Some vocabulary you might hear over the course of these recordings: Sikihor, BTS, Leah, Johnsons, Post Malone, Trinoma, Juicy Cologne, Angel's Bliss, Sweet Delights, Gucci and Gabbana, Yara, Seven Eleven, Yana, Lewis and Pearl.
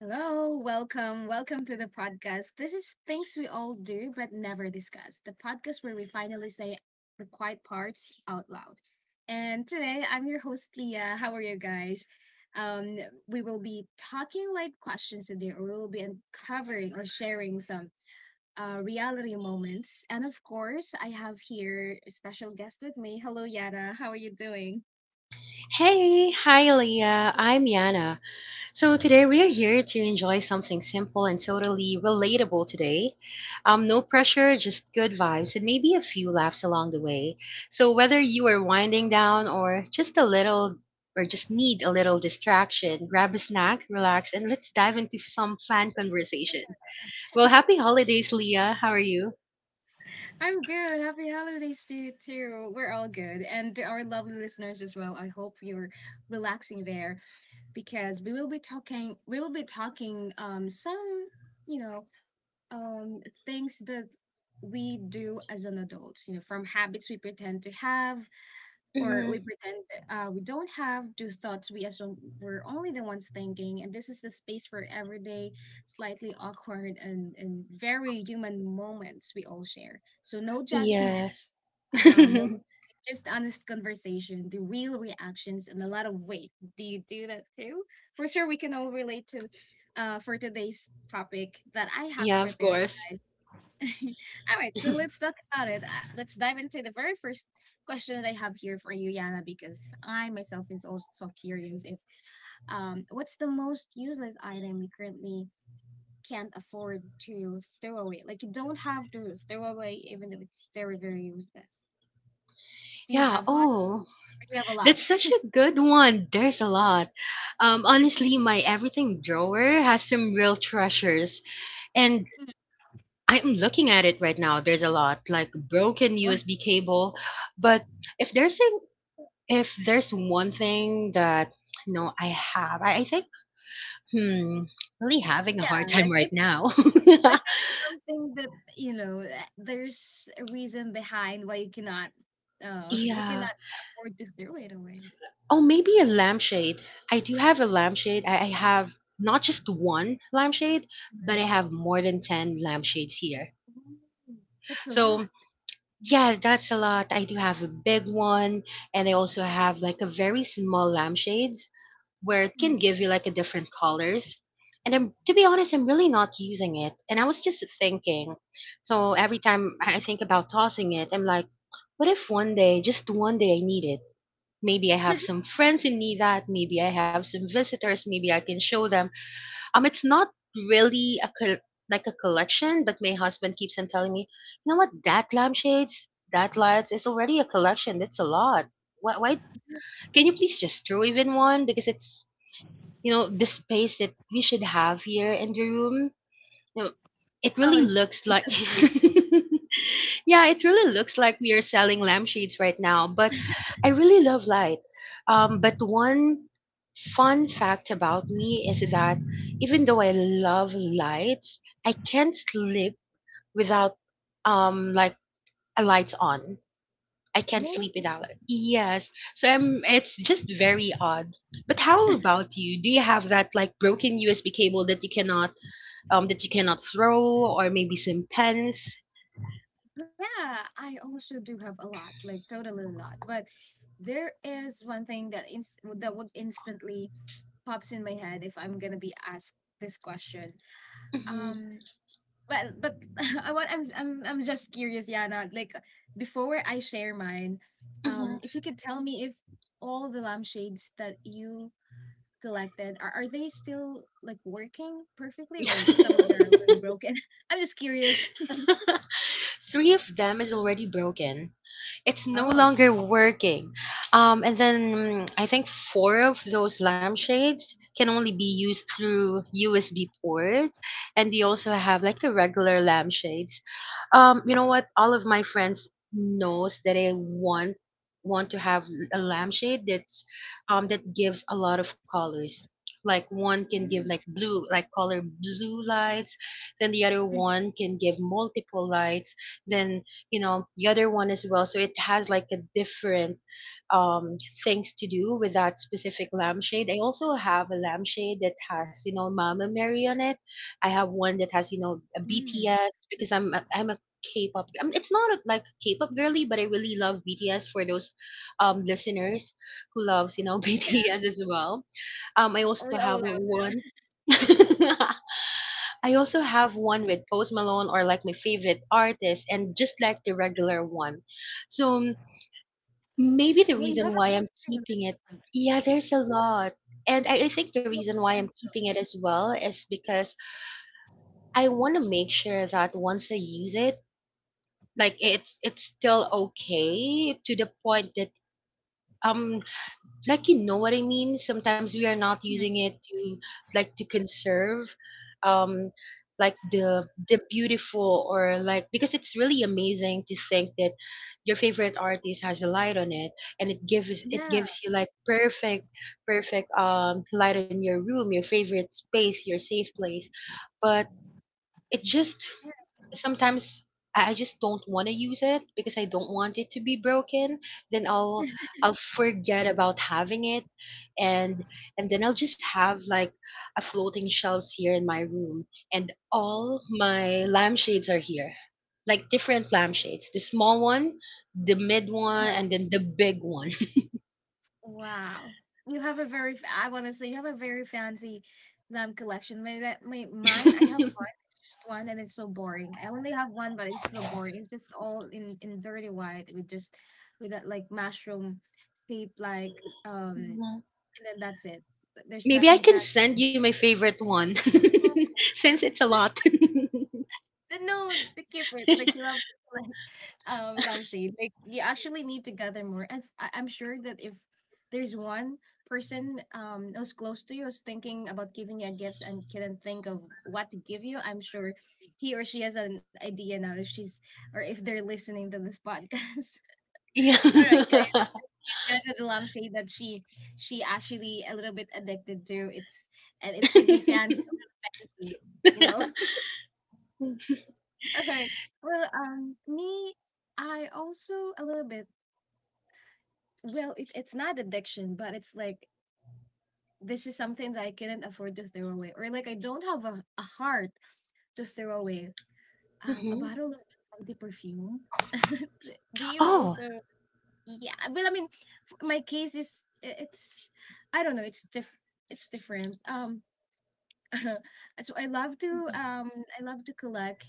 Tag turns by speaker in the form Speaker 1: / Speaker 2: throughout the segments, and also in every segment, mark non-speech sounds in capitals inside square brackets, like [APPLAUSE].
Speaker 1: Hello, welcome to the podcast. This is things we all do but never discuss. The podcast where we finally say the quiet parts out loud. And today I'm your host Leah. How are you guys? Um, we will be talking like questions today, or we will be uncovering or sharing some reality moments. And of course, I have here a special guest with me. Hello, Yara. How are you doing?
Speaker 2: Hey, hi Leah, I'm Yana. So today we are here to enjoy something simple and totally relatable today. No pressure, just good vibes and maybe a few laughs along the way. So whether you are winding down or just need a little distraction, grab a snack, relax, and let's dive into some fun conversation. Well, happy holidays, Leah. How are you?
Speaker 1: I'm good. Happy holidays to you too. We're all good. And to our lovely listeners as well. I hope you're relaxing there because we will be talking some, you know, um things that we do as an adult, from habits we pretend to have or
Speaker 2: Mhm.
Speaker 1: we pretend we don't have to thoughts we assume we're only the ones thinking. And this is the space for everyday, slightly awkward, and very human moments we all share. So no judgment,
Speaker 2: Yes. [LAUGHS]
Speaker 1: no, just honest conversation, the real reactions, and a lot of weight. Do you do that too? For sure, we can all relate to, for today's topic that I have
Speaker 2: Yeah, of
Speaker 1: prepared,
Speaker 2: course.
Speaker 1: guys. [LAUGHS] All right, so
Speaker 2: [LAUGHS]
Speaker 1: let's talk about it. Let's dive into the very first question that I have here for you, Yana, because I myself is also curious if what's the most useless item you currently can't afford to throw away? Like you don't have to throw away, even if it's very, very useless. Do you
Speaker 2: Yeah,
Speaker 1: have one? Or
Speaker 2: oh,
Speaker 1: do you have a lot?
Speaker 2: that's such a good one. There's a lot. Honestly, my everything drawer has some real treasures, and
Speaker 1: Mm,
Speaker 2: I'm looking at it right now. There's a lot, like broken
Speaker 1: [LAUGHS]
Speaker 2: USB cable. But if there's a, if there's one thing that no, I have. I think hmm, really having a
Speaker 1: yeah,
Speaker 2: hard time
Speaker 1: like maybe
Speaker 2: right now.
Speaker 1: like maybe something that there's a reason behind why you cannot [LAUGHS]
Speaker 2: [LAUGHS]
Speaker 1: you
Speaker 2: Yeah.
Speaker 1: cannot afford to throw it away.
Speaker 2: Oh, maybe a lampshade. I do have a lampshade. I have not just one lampshade, but I
Speaker 1: Mhm.
Speaker 2: have more than 10 lampshades here.
Speaker 1: Ooh, that's a
Speaker 2: So
Speaker 1: lot.
Speaker 2: yeah, that's a lot. I do have a big one, and I also have like a very small lampshades where it can
Speaker 1: Mm.
Speaker 2: give you like a different colors. And I'm, to be honest, I'm really not using it. And I was just thinking. So every time I think about tossing it, I'm like, what if one day, just one day, I need it? Maybe I have
Speaker 1: [LAUGHS]
Speaker 2: some friends who need that. Maybe I have some visitors. Maybe I can show them. It's not really a col- like a collection, but my husband keeps on telling me, you know what, that lampshades, that lights is already a collection. That's a lot. Why, why? Can you please just throw even one? Because it's you know the space that we should have here in the room, no, it
Speaker 1: Oh,
Speaker 2: really
Speaker 1: it's
Speaker 2: looks
Speaker 1: taking
Speaker 2: like
Speaker 1: some
Speaker 2: [LAUGHS]
Speaker 1: spaces.
Speaker 2: yeah, it really looks like we are selling lampshades right now. But I really love light. But one fun fact about me is that even though I love lights, I can't sleep without like a lights on. I can't sleep
Speaker 1: Oh,
Speaker 2: without it. Yes. So I'm it's just very odd. But how about you? Do you have that like broken USB cable that you cannot throw, or maybe some pens.
Speaker 1: yeah, I also do have a lot, like totally a lot. But there is one thing that inst that would instantly pops in my head if I'm gonna be asked this question.
Speaker 2: Mhm,
Speaker 1: Um, Well, but [LAUGHS] I want I'm just curious, Yana. Like before I share mine,
Speaker 2: mhm.
Speaker 1: if you could tell me if all the lampshades that you collected are they still like working perfectly, or some of them are already
Speaker 2: [LAUGHS]
Speaker 1: broken? [LAUGHS] I'm just curious.
Speaker 2: Three of them is already broken. It's no
Speaker 1: Oh.
Speaker 2: longer working. I think four of those lampshades can only be used through USB port, and they also have like the regular lampshades. You know what? All of my friends knows that I want to have a lampshade that's that gives a lot of colors. Like one can give
Speaker 1: Mm,
Speaker 2: like blue, like color blue lights, then the other one can give multiple lights, then you know the other one as well, so it has like a different um things to do with that specific lampshade. I also have a lampshade that has you know Mama Mary on it. I have one that has you know a
Speaker 1: mhm.
Speaker 2: BTS, because I'm a k-pop, I mean, it's not a, like k-pop girly, but I really love BTS for those listeners who loves you know [LAUGHS]
Speaker 1: Yeah,
Speaker 2: BTS as well. Um, I
Speaker 1: we
Speaker 2: also
Speaker 1: all love.
Speaker 2: have one [LAUGHS] I also have one with Post Malone or like my favorite artist and just like the regular one. So maybe the
Speaker 1: Well, you have a
Speaker 2: reason why I'm
Speaker 1: fancy one.
Speaker 2: keeping it, yeah, there's a lot. And I think the
Speaker 1: You
Speaker 2: reason why
Speaker 1: have
Speaker 2: I'm
Speaker 1: a
Speaker 2: keeping it as well is because I want to make sure that once I use it, like it's still okay to the point that um like you know what I mean. Sometimes we are not
Speaker 1: fancy
Speaker 2: using it to like to conserve, um, like the beautiful or like because it's really amazing to think that your favorite artist has a light on it, and it
Speaker 1: one.
Speaker 2: gives you like perfect perfect light in your room, your favorite space, your safe place, but it just sometimes I just don't want to use it because I don't want it to be broken. Then I'll forget about having it, and and then I'll just have like a floating shelves here in my room, and all my lampshades are here, like different lampshades. The small one, the mid one, and then the big one. [LAUGHS]
Speaker 1: Wow. You have a very f I wanna say you have a very fancy, collection. My that my mine, I have one, it's just one and it's so boring. I only have one, but it's so boring. It's just all in dirty white with that, like, mushroom shape, like,
Speaker 2: Mhm.
Speaker 1: and then that's it. There's
Speaker 2: Maybe I
Speaker 1: nothing
Speaker 2: can
Speaker 1: fancy.
Speaker 2: send you my favorite one [LAUGHS] since it's a lot.
Speaker 1: No, no, to keep it, like, you have lampshade, like, you actually need to gather more. And I'm sure that if there's one person who's close to you who's thinking about giving you a gift and couldn't think of what to give you, I'm sure he or she has an idea now. If she's or if they're listening to this podcast.
Speaker 2: [LAUGHS] Yeah.
Speaker 1: [LAUGHS] All right, guys. Yeah, the lampshade that she actually a little bit addicted to, it's — and it should be fancy, you know.
Speaker 2: [LAUGHS]
Speaker 1: [LAUGHS] All right. Well, me, I also a little bit. Well, it, it's not addiction, but it's like this is something that I couldn't afford to throw away, or like I don't have a heart to throw away. A
Speaker 2: Hmm.
Speaker 1: bottle of the perfume. [LAUGHS] D- Do you
Speaker 2: Oh.
Speaker 1: also? Yeah, well, I mean, my case is, it's, I don't know. It's different. [LAUGHS] So I love to collect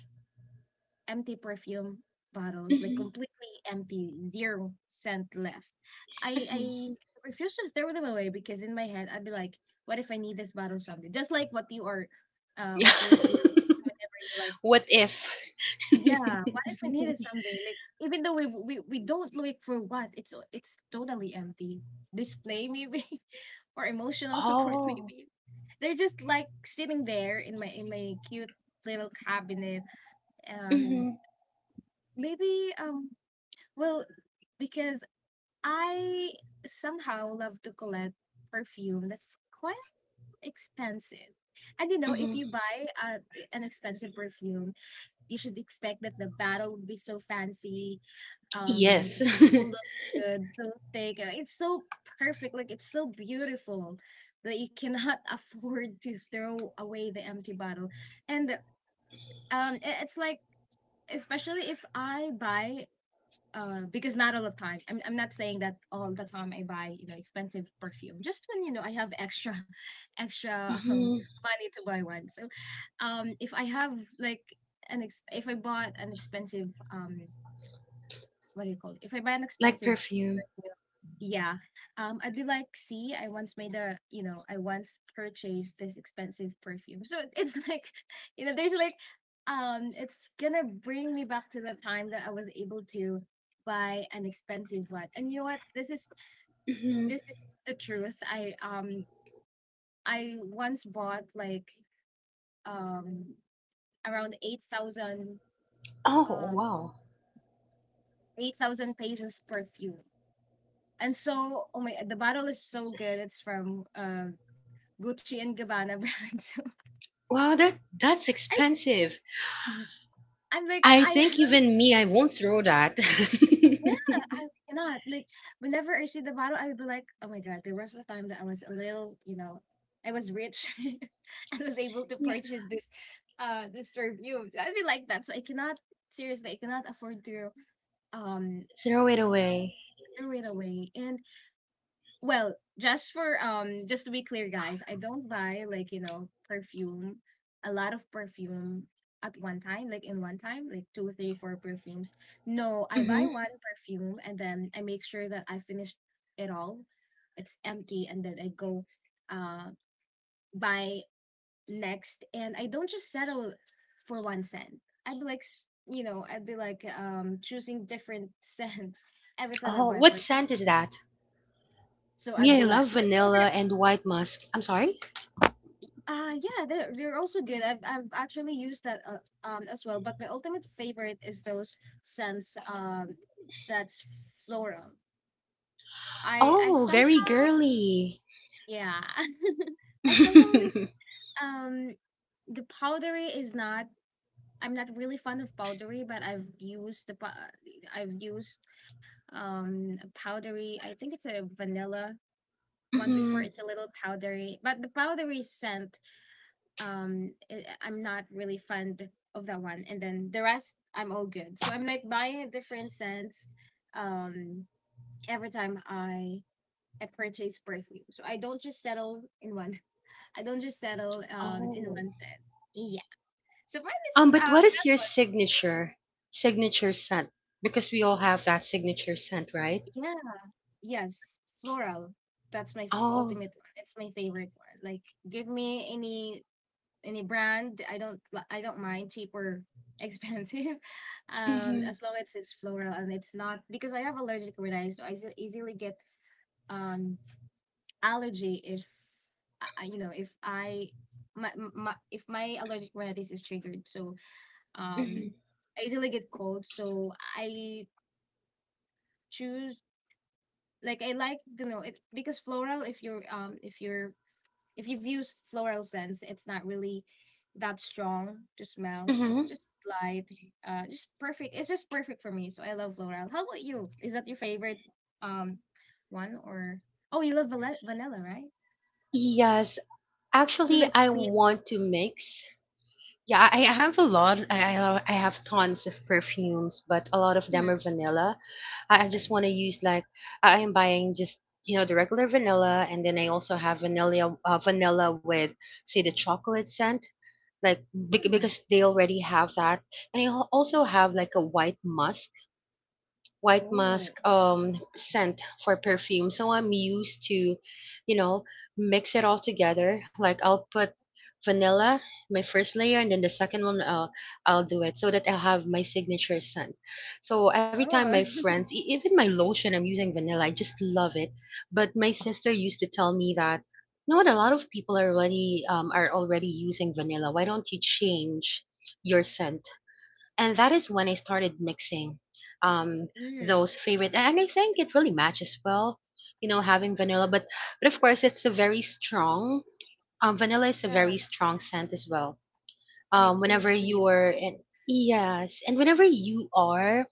Speaker 1: empty perfume bottles, like
Speaker 2: Hmm.
Speaker 1: completely empty, zero scent left. I
Speaker 2: Hmm. [LAUGHS]
Speaker 1: refuse to throw them away because in my head I'd be like, what if I need this bottle someday? Just like what you are,
Speaker 2: Yeah.
Speaker 1: what you're thinking whenever you're like,
Speaker 2: What if?
Speaker 1: yeah, what if
Speaker 2: [LAUGHS]
Speaker 1: I need it someday? Like even though we don't look for what it's totally empty. Display maybe, [LAUGHS] or emotional support
Speaker 2: Oh.
Speaker 1: maybe. They're just like sitting there in my cute little cabinet. Um,
Speaker 2: Hmm.
Speaker 1: Maybe, well, because I somehow love to collect perfume that's quite expensive. And you know, if
Speaker 2: Hmm.
Speaker 1: you buy an expensive perfume, you should expect that the bottle would be so fancy,
Speaker 2: Yes.
Speaker 1: so
Speaker 2: [LAUGHS]
Speaker 1: looking good, so thick. It's so perfect, like it's so beautiful that you cannot [LAUGHS] afford to throw away the empty bottle. And it's like, especially if I buy, because not all the time. I'm not saying that all the time I buy, expensive perfume. Just when, I have extra, [LAUGHS] extra,
Speaker 2: Hmm.
Speaker 1: money to buy one. So, if I have like if I bought an expensive, what do you call it? If I buy an
Speaker 2: Like
Speaker 1: expensive,
Speaker 2: perfume.
Speaker 1: yeah. Yeah. I'd be like, see, I once made a, you know, I once purchased this expensive perfume. So it's like, [LAUGHS] there's like, it's gonna bring me back to the time that I was able to buy an expensive one. And you know what? This is
Speaker 2: Hmm.
Speaker 1: this is the truth. I once bought like um around
Speaker 2: Oh.
Speaker 1: um
Speaker 2: Wow.
Speaker 1: eight thousand pesos perfume. And so, oh my, the bottle is so good. It's from Gucci and Gabbana brand. [LAUGHS]
Speaker 2: Wow, that that's expensive.
Speaker 1: So I'm like,
Speaker 2: I
Speaker 1: I have,
Speaker 2: think even me, I won't throw that.
Speaker 1: yeah, I cannot. Like, whenever I see the bottle, I would be like, oh my God, there was a time that I was a little, I was rich [LAUGHS] and was able to
Speaker 2: [LAUGHS] Yeah,
Speaker 1: purchase this perfume. So I'd be like that. So I cannot, seriously, I cannot afford to, um,
Speaker 2: throw it
Speaker 1: throw,
Speaker 2: away.
Speaker 1: throw it away. And, well, just for just to be clear, guys, I don't buy, like, perfume, a lot of perfume at one time, like in one time, like two, three, four perfumes. No, I
Speaker 2: Hmm.
Speaker 1: buy one perfume and then I make sure that I finish it all. It's empty and then I go uh buy next, and I don't just settle for one scent. I'd be like, choosing different [LAUGHS] scents every time I
Speaker 2: Oh,
Speaker 1: buy
Speaker 2: what
Speaker 1: perfume.
Speaker 2: scent is that?
Speaker 1: So I'd
Speaker 2: Me,
Speaker 1: be
Speaker 2: I
Speaker 1: like,
Speaker 2: love
Speaker 1: my favorite.
Speaker 2: vanilla and white musk. I'm sorry.
Speaker 1: Yeah, they're also good. I've actually used that, as well. But my ultimate favorite is those scents, that's floral. I
Speaker 2: Oh, very
Speaker 1: somehow,
Speaker 2: girly.
Speaker 1: yeah.
Speaker 2: [LAUGHS]
Speaker 1: [LAUGHS] I somehow like,
Speaker 2: Mhm.
Speaker 1: um the powdery is not. I'm not really fond of powdery, but I've used I've used a powdery. I think it's a vanilla one before. It's a little powdery, but the powdery scent, am not really fond of that one. And then the rest I'm all good, so I'm like buying a different scents, um every time I purchase perfume. So I don't just settle in one. [LAUGHS] I don't just settle, in
Speaker 2: Oh.
Speaker 1: one scent. Yeah, so mine is,
Speaker 2: But what is
Speaker 1: that's
Speaker 2: your
Speaker 1: what.
Speaker 2: signature scent? Because we all have that signature scent, right?
Speaker 1: Yeah. Yes, floral, that's my
Speaker 2: Oh.
Speaker 1: ultimate one, it's my favorite one. Like, give me any brand. I don't mind cheap or expensive, [LAUGHS]
Speaker 2: Mm-hmm,
Speaker 1: as long as it's floral. And it's not, because I have allergic rhinitis, so I easily get um allergy if I, I- you know if I my, my if my allergic rhinitis is triggered. So,
Speaker 2: mm-hmm,
Speaker 1: um, I easily get cold. So I choose, like, I like, you know, it because floral. If you're, if you've used floral scents, it's not really that strong to smell. It's
Speaker 2: mm-hmm.
Speaker 1: just light, just perfect. It's just perfect for me. So I love floral. How about you? Is that your favorite, um one, or, oh, you love vanilla, right?
Speaker 2: Yes.
Speaker 1: So
Speaker 2: Actually,
Speaker 1: like
Speaker 2: I
Speaker 1: sweet.
Speaker 2: want to mix. Yeah, I have a lot. I have tons of perfumes, but a lot of them
Speaker 1: Mhm.
Speaker 2: are vanilla. I just want to use like I am buying just you know the regular vanilla, and then I also have vanilla vanilla with say the chocolate scent. Like
Speaker 1: Mm.
Speaker 2: because they already have that, and you also have like a white musk white
Speaker 1: Oh,
Speaker 2: musk um scent for perfume. So I'm used to you know mix it all together, like I'll put vanilla my first layer, and then the second one I'll do it so that I'll have my signature scent. So every time
Speaker 1: oh,
Speaker 2: my friends even my lotion, I'm using vanilla. I just love it. But my sister used to tell me that you know what a lot of people are already using vanilla, why don't you change your scent? And that is when I started mixing um
Speaker 1: [LAUGHS] mm.
Speaker 2: those favorite, and I think it really matches well you know having vanilla, but of course it's a very strong vanilla is a
Speaker 1: Yeah,
Speaker 2: very strong scent as well
Speaker 1: sweet, so
Speaker 2: whenever you
Speaker 1: sweet.
Speaker 2: are in yes, and whenever you are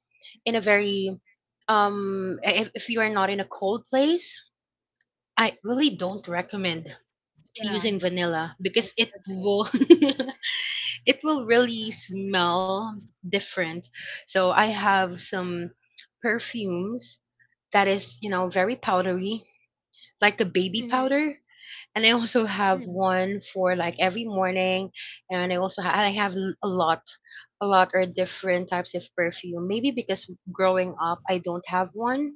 Speaker 2: in a very if you are not in a cold place, I really don't recommend
Speaker 1: Yeah,
Speaker 2: using vanilla because
Speaker 1: that's
Speaker 2: it
Speaker 1: the thing.
Speaker 2: will [LAUGHS] it will really smell different. So I have some perfumes that is, you know, very powdery, like a baby
Speaker 1: Mm-hmm.
Speaker 2: powder, and I also
Speaker 1: Mm.
Speaker 2: have one for like every morning, and I have a lot or different types of perfume. Maybe because growing up I don't have one,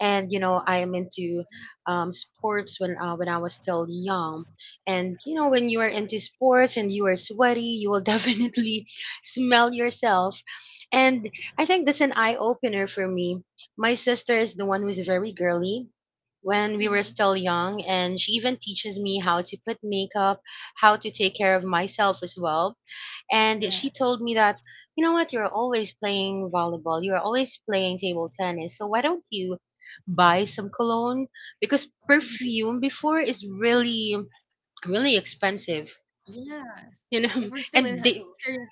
Speaker 2: and you know I am into sports when I was still young, and you know when you are into sports and you are sweaty, you will [LAUGHS] definitely smell yourself, and I think that's an eye opener for me. My sister is the one who's very girly when we were
Speaker 1: Mhm.
Speaker 2: still young, and she even teaches me how to put makeup, how to take care of myself as well. And
Speaker 1: Yeah,
Speaker 2: she told me that you know what, you're always playing volleyball, you're always playing table tennis, so why don't you buy some cologne? Because
Speaker 1: mhm.
Speaker 2: perfume before is really really expensive
Speaker 1: Yeah.
Speaker 2: you
Speaker 1: If
Speaker 2: know.
Speaker 1: we're
Speaker 2: [LAUGHS]
Speaker 1: still in hi-
Speaker 2: And they
Speaker 1: still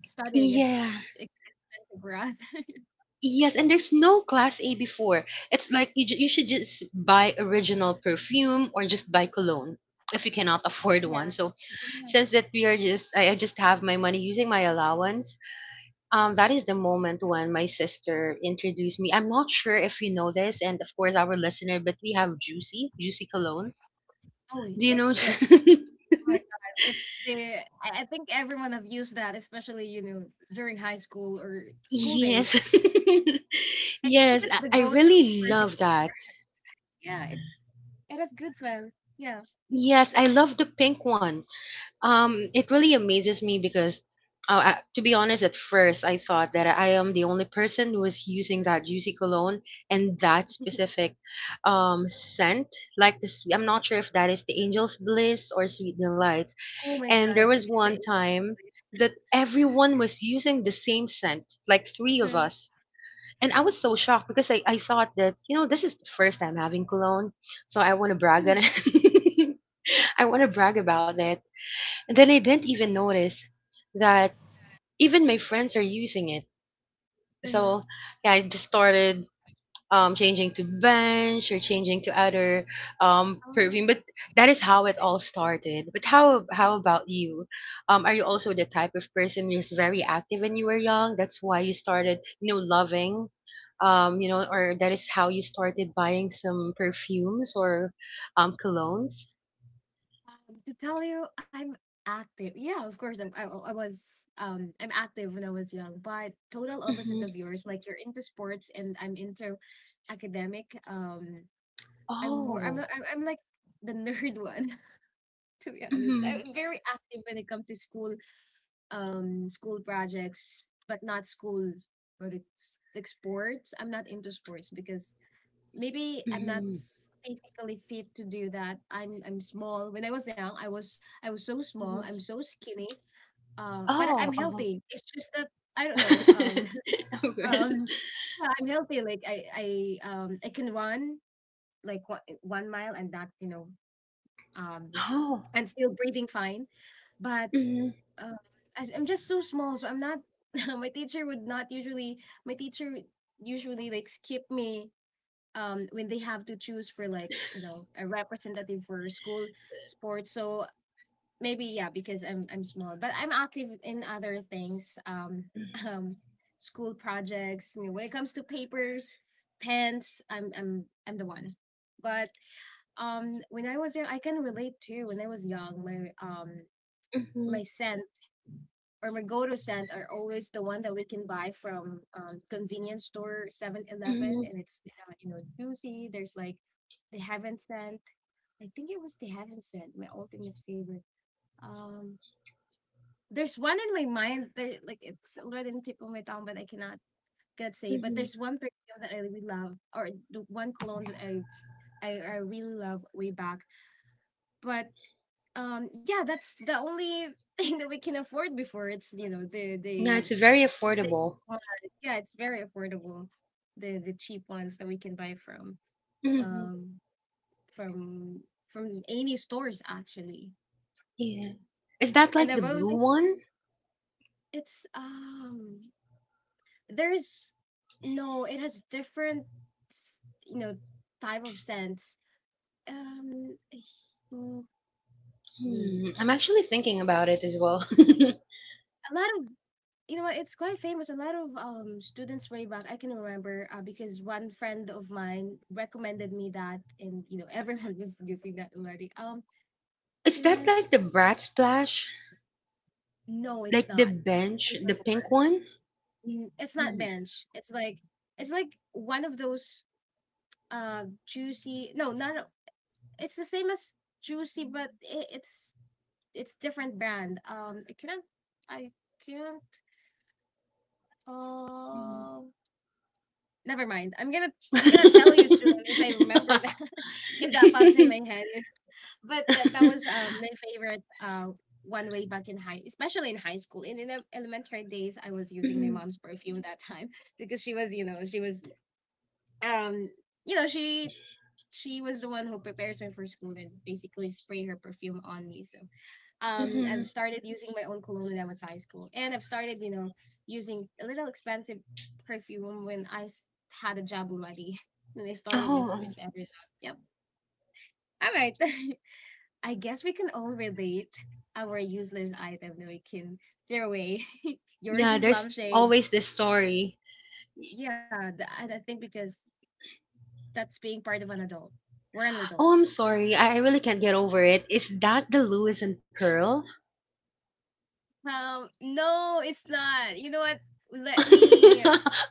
Speaker 1: studying, it's
Speaker 2: yeah.
Speaker 1: expensive for us.
Speaker 2: Yes, and there's no class A before. It's like you, you should just buy original perfume or just buy cologne if you cannot afford
Speaker 1: Yeah.
Speaker 2: one. So
Speaker 1: Yeah.
Speaker 2: since that we are just I just have my money using my allowance, that is the moment when my sister introduced me. I'm not sure if you know this and of course our listener, but we have Juicy Cologne.
Speaker 1: Oh,
Speaker 2: Do you
Speaker 1: it's
Speaker 2: know
Speaker 1: the Oh
Speaker 2: [LAUGHS]
Speaker 1: my God, I think everyone have used that, especially, you know, during high school or school
Speaker 2: yes.
Speaker 1: days.
Speaker 2: [LAUGHS]
Speaker 1: I think
Speaker 2: Yes,
Speaker 1: it's the
Speaker 2: I
Speaker 1: go-to
Speaker 2: really
Speaker 1: perfume.
Speaker 2: love that.
Speaker 1: Yeah, it's — it has good smell. Yeah.
Speaker 2: Yes, I love the pink one. It really amazes me because, to be honest, at first I thought that I am the only person who is using that juicy cologne and that specific scent. Like this, I'm not sure if that is the Angel's Bliss or Sweet Delights.
Speaker 1: Oh my
Speaker 2: And there
Speaker 1: God,
Speaker 2: was
Speaker 1: it's
Speaker 2: one
Speaker 1: the
Speaker 2: time that everyone was using the same scent, like three of
Speaker 1: Yeah.
Speaker 2: us. And I was so shocked because I thought that, you know, this is the first time having cologne, so I want to brag on
Speaker 1: Mhm.
Speaker 2: it. [LAUGHS] I want to brag about that, and then I didn't even notice that even my friends are using it.
Speaker 1: Mhm.
Speaker 2: So yeah, I just started changing to bench or changing to other
Speaker 1: Oh,
Speaker 2: perfume. But that is how it all started. But
Speaker 1: I-
Speaker 2: how about you? Are you also the type of person who's very active when you were young? That's why you started, you know, loving. You know, or that is how you started buying some perfumes or colognes.
Speaker 1: to tell you, I'm active. Yeah, of course, I'm active when I was young, but total opposite
Speaker 2: Hmm.
Speaker 1: of yours. Like, you're into sports, and I'm into academic. I'm more I'm
Speaker 2: Oh.
Speaker 1: a- I'm, I'm like the nerd [LAUGHS] one, to be honest.
Speaker 2: Hmm.
Speaker 1: I'm very active when it comes to school, school projects, but not school projects like sports. I'm not into sports because maybe I'm not
Speaker 2: Hmm.
Speaker 1: physically fit to do that. I'm small. When I was young, I was so small. I'm so skinny. But I'm
Speaker 2: Oh, oh.
Speaker 1: healthy. It's just that I don't know.
Speaker 2: [LAUGHS] Of
Speaker 1: [LAUGHS]
Speaker 2: course.
Speaker 1: Um, yeah, I'm healthy. Like I I can run like 1 mile and not um
Speaker 2: Oh.
Speaker 1: and still breathing fine. But
Speaker 2: Mhm,
Speaker 1: um, I'm just so small, so I'm not. [LAUGHS] My teacher would not usually. My teacher would usually like skip me when they have to choose for like you know a representative for school sports. So maybe yeah, because I'm small, but I'm active in other things. [LAUGHS] Um, School projects. You know, when it comes to papers, pens, I'm the one. But When I was young, I can relate too. When I was young,
Speaker 2: mhm,
Speaker 1: my scent or my go-to scent are always the one that we can buy from convenience store 7-Eleven,
Speaker 2: mhm,
Speaker 1: and it's you know juicy, there's like the heaven scent. I think it was the heaven scent, my ultimate favorite. um there's one in my mind that like it's already in the tip of my tongue, but I cannot can't say, but
Speaker 2: mhm.
Speaker 1: there's one perfume that I really love or the one cologne that I really love way back. But Yeah, that's the only [LAUGHS] thing that we can afford before. It's you know the
Speaker 2: Yeah,
Speaker 1: the
Speaker 2: it's very
Speaker 1: But
Speaker 2: affordable.
Speaker 1: it's fun. Yeah, it's very affordable. The cheap ones that we can buy from
Speaker 2: Mhm,
Speaker 1: um from from any stores actually.
Speaker 2: yeah. Is that
Speaker 1: And
Speaker 2: like the
Speaker 1: above it,
Speaker 2: blue one?
Speaker 1: it's there's no, it has different s- you know type of scents. Um [SIGHS] mm, wait,
Speaker 2: Hmm. I'm actually thinking about it as well. [LAUGHS]
Speaker 1: A lot of You know what? It's quite famous. A lot of students way back I can remember because one friend of mine recommended me that, and you know everyone [LAUGHS] was using that already.
Speaker 2: Is that like the
Speaker 1: It's
Speaker 2: brat splash?
Speaker 1: no, it's
Speaker 2: Like the
Speaker 1: not.
Speaker 2: bench, the pink
Speaker 1: Papermore.
Speaker 2: one?
Speaker 1: Mm, it's not
Speaker 2: Mhm,
Speaker 1: bench. It's like one of those juicy. No, not. A- It's the same as juicy, but it's it's different brand. I can't. I can't.
Speaker 2: mhm.
Speaker 1: Um, never mind. I'm gonna tell you soon if I remember that,
Speaker 2: [LAUGHS]
Speaker 1: [LAUGHS] if that pops in my head. [LAUGHS] But that was my favorite one way back in high, especially in high school. In ele- elementary days, I was using my
Speaker 2: Mhm,
Speaker 1: mom's perfume that time [LAUGHS] because she was you know she was um you know she was the one who prepares me for school and basically spray her perfume on me. So
Speaker 2: mhm.
Speaker 1: I've started using my own cologne when I was high school, and I've started you know using a little expensive perfume when I s- had a job already, [LAUGHS] when I started my
Speaker 2: Oh.
Speaker 1: first ever job. Yep. All right. [LAUGHS] I guess we can all relate our useless item that we can throw away. [LAUGHS] Yours
Speaker 2: Yeah,
Speaker 1: is
Speaker 2: there's
Speaker 1: lampshade.
Speaker 2: always this story.
Speaker 1: Yeah, th- and I think because that's being part of an adult. We're an adult.
Speaker 2: Oh, I'm sorry. I really can't get over it. Is that the Lewis and Pearl?
Speaker 1: No, it's not. You know what? Let
Speaker 2: [LAUGHS]
Speaker 1: me,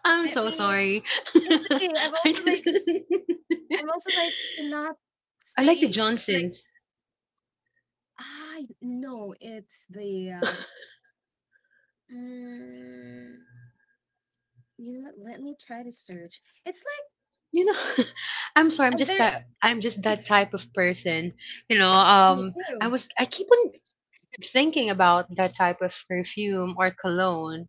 Speaker 2: I'm
Speaker 1: let
Speaker 2: so
Speaker 1: me.
Speaker 2: sorry. [LAUGHS]
Speaker 1: It's okay. I've
Speaker 2: I
Speaker 1: also
Speaker 2: just.
Speaker 1: like I'm also like cannot
Speaker 2: [LAUGHS] I like the
Speaker 1: stay like
Speaker 2: Johnsons.
Speaker 1: I know it's the mm, you know what? Let me try to search. It's
Speaker 2: You know, [LAUGHS] I'm sorry. I'm
Speaker 1: like and
Speaker 2: just
Speaker 1: there
Speaker 2: that I'm just
Speaker 1: it's
Speaker 2: that type of person.
Speaker 1: me too.
Speaker 2: I keep on thinking about that type of perfume or cologne.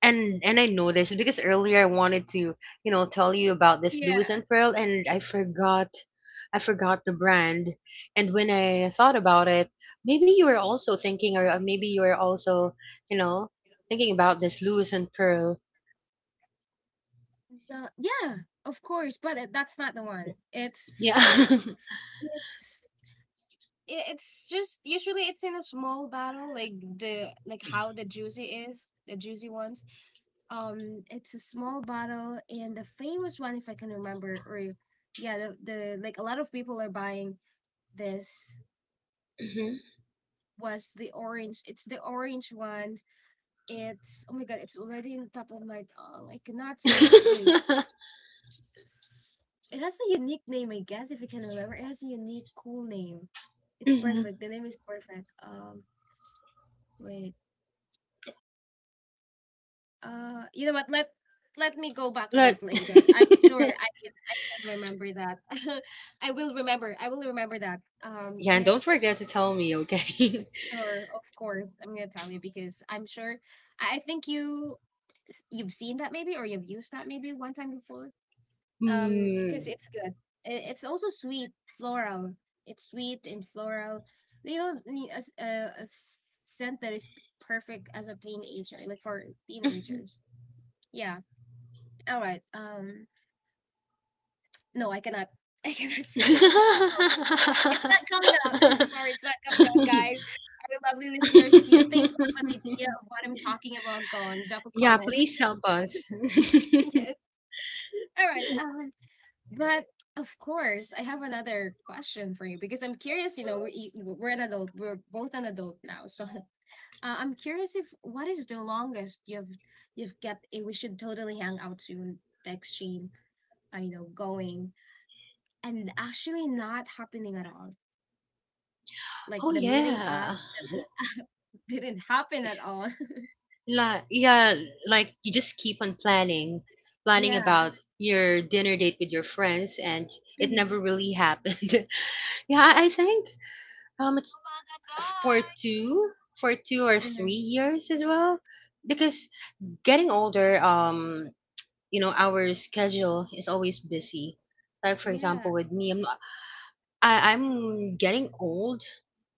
Speaker 2: And I know this because earlier I wanted to, tell you about this
Speaker 1: Yeah.
Speaker 2: Lewis and Pearl, and I forgot the brand. And when I thought about it, maybe you were also thinking, or maybe you were also, you know, thinking about this Lewis and Pearl.
Speaker 1: The, yeah, of course, but it- that's not the one.
Speaker 2: Yeah. [LAUGHS]
Speaker 1: It's I- it's just usually it's in a small bottle, like the like how the juicy is, the juicy ones. It's a small bottle, and the famous one, if I can remember, or yeah, the like a lot of people are buying this.
Speaker 2: Hmm.
Speaker 1: Was the orange? It's the orange one. It's oh my god, it's already on top of my tongue. I cannot say it. Wait,
Speaker 2: [LAUGHS]
Speaker 1: it has a unique name, I guess, if you can remember. It has a unique, cool name. It's
Speaker 2: Hmm.
Speaker 1: perfect. The name is perfect. Wait, you know what? Let me go back to
Speaker 2: But
Speaker 1: this later. I'm
Speaker 2: [LAUGHS]
Speaker 1: sure I can remember that. [LAUGHS] I will remember. I will remember that.
Speaker 2: yeah, and don't forget to
Speaker 1: It's
Speaker 2: tell me, okay?
Speaker 1: sure, of course. I'm gonna tell you because I'm sure. I think you s- you've seen that maybe or you've used that maybe one time before.
Speaker 2: [LAUGHS]
Speaker 1: Because
Speaker 2: Mm.
Speaker 1: it's good. I- It's also sweet, floral. It's sweet and floral. You know, ne- a s- scent that is perfect as a teenager, like for teenagers. Yeah. All right. No, I cannot. [LAUGHS] I cannot say it. Like it's not coming out. I'm so sorry. It's
Speaker 2: [LAUGHS]
Speaker 1: not coming out, guys. Our lovely listeners, if you think you have an idea of what I'm talking about, go on, drop a
Speaker 2: Yeah,
Speaker 1: comment.
Speaker 2: please help us.
Speaker 1: [LAUGHS] Yes. All right. But Of course, I have another question for you because I'm curious. You know, we're an adult. We're both an adult now, [LAUGHS] so I'm curious if what is the longest you've kept a we should totally hang out soon text chain. I know going and actually not happening at all.
Speaker 2: [LAUGHS]
Speaker 1: Like
Speaker 2: Oh,
Speaker 1: the meeting
Speaker 2: yeah.
Speaker 1: up, the meet up [LAUGHS] didn't happen at all. [LAUGHS]
Speaker 2: Like, yeah, like you just keep on planning
Speaker 1: Yeah.
Speaker 2: about your dinner date with your friends, and it never
Speaker 1: hmm
Speaker 2: really happened. [LAUGHS] Yeah, I think it's for
Speaker 1: Kumakagat.
Speaker 2: two, for two or
Speaker 1: Hmm
Speaker 2: three years as well, because getting older, our schedule is always busy. Like for
Speaker 1: Yeah.
Speaker 2: example, with me, I'm not, I'm getting old,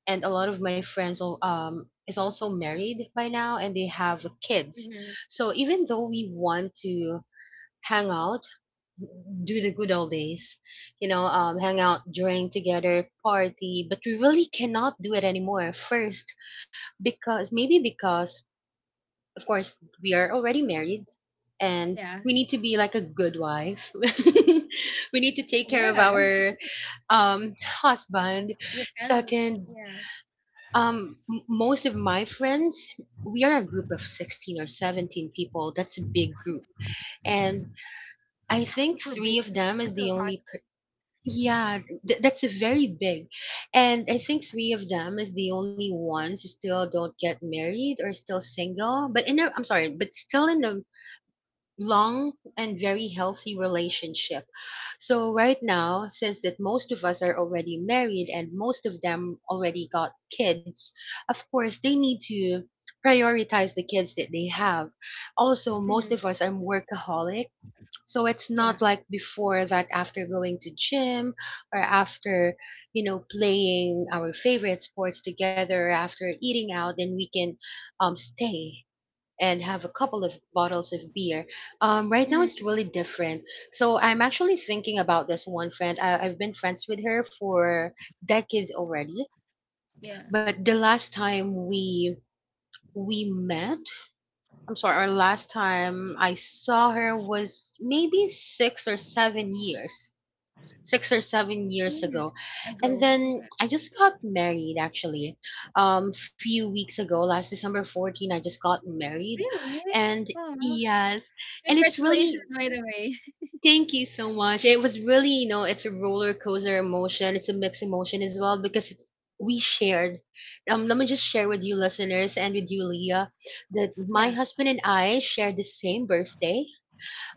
Speaker 2: and a lot of my friends is also married by now and they have kids.
Speaker 1: hmm
Speaker 2: So even though we want to hang out, do the good old days, hang out, drink together, party, but we really cannot do it anymore. First, because maybe because of course we are already married and
Speaker 1: Yeah.
Speaker 2: we need to be like a good wife. [LAUGHS] We need to take care
Speaker 1: Yeah.
Speaker 2: of our um husband.
Speaker 1: Your family.
Speaker 2: Second,
Speaker 1: Yeah.
Speaker 2: most of my friends, we are a group of 16 or 17 people. That's a big group. And I think
Speaker 1: Super big.
Speaker 2: three of
Speaker 1: [LAUGHS]
Speaker 2: them is
Speaker 1: Until
Speaker 2: the
Speaker 1: hot.
Speaker 2: only per-. Yeah, that's a very big. And I think three of them is the only ones who still don't get married or still single, but in a, I'm sorry, but still in a long and very healthy relationship. So right now, since that most of us are already married and most of them already got kids, of course they need to prioritize the kids that they have. Also, most
Speaker 1: Mhm.
Speaker 2: of us are workaholic, so it's
Speaker 1: Yeah.
Speaker 2: not like before that after going to gym or after, playing our favorite sports together, after eating out, then we can stay and have a couple of bottles of beer. Right now
Speaker 1: hmm
Speaker 2: it's really different. So I'm actually thinking about this one friend. I've been friends with her for decades already,
Speaker 1: Yeah.
Speaker 2: but the last time we met, I'm sorry, our last time I saw her was maybe six or seven years
Speaker 1: Mhm.
Speaker 2: ago.
Speaker 1: I
Speaker 2: And
Speaker 1: go.
Speaker 2: then
Speaker 1: Okay.
Speaker 2: I just got married actually. Few weeks ago, last December 14, I just got married.
Speaker 1: Really?
Speaker 2: And
Speaker 1: Oh,
Speaker 2: yes, and it's
Speaker 1: congratulations,
Speaker 2: really
Speaker 1: by the way.
Speaker 2: thank you so much. It was really, it's a roller coaster emotion. It's a mixed emotion as well because it's we shared let me just share with you listeners and with you Leah that
Speaker 1: [LAUGHS]
Speaker 2: my
Speaker 1: Yeah.
Speaker 2: husband and I shared the same birthday.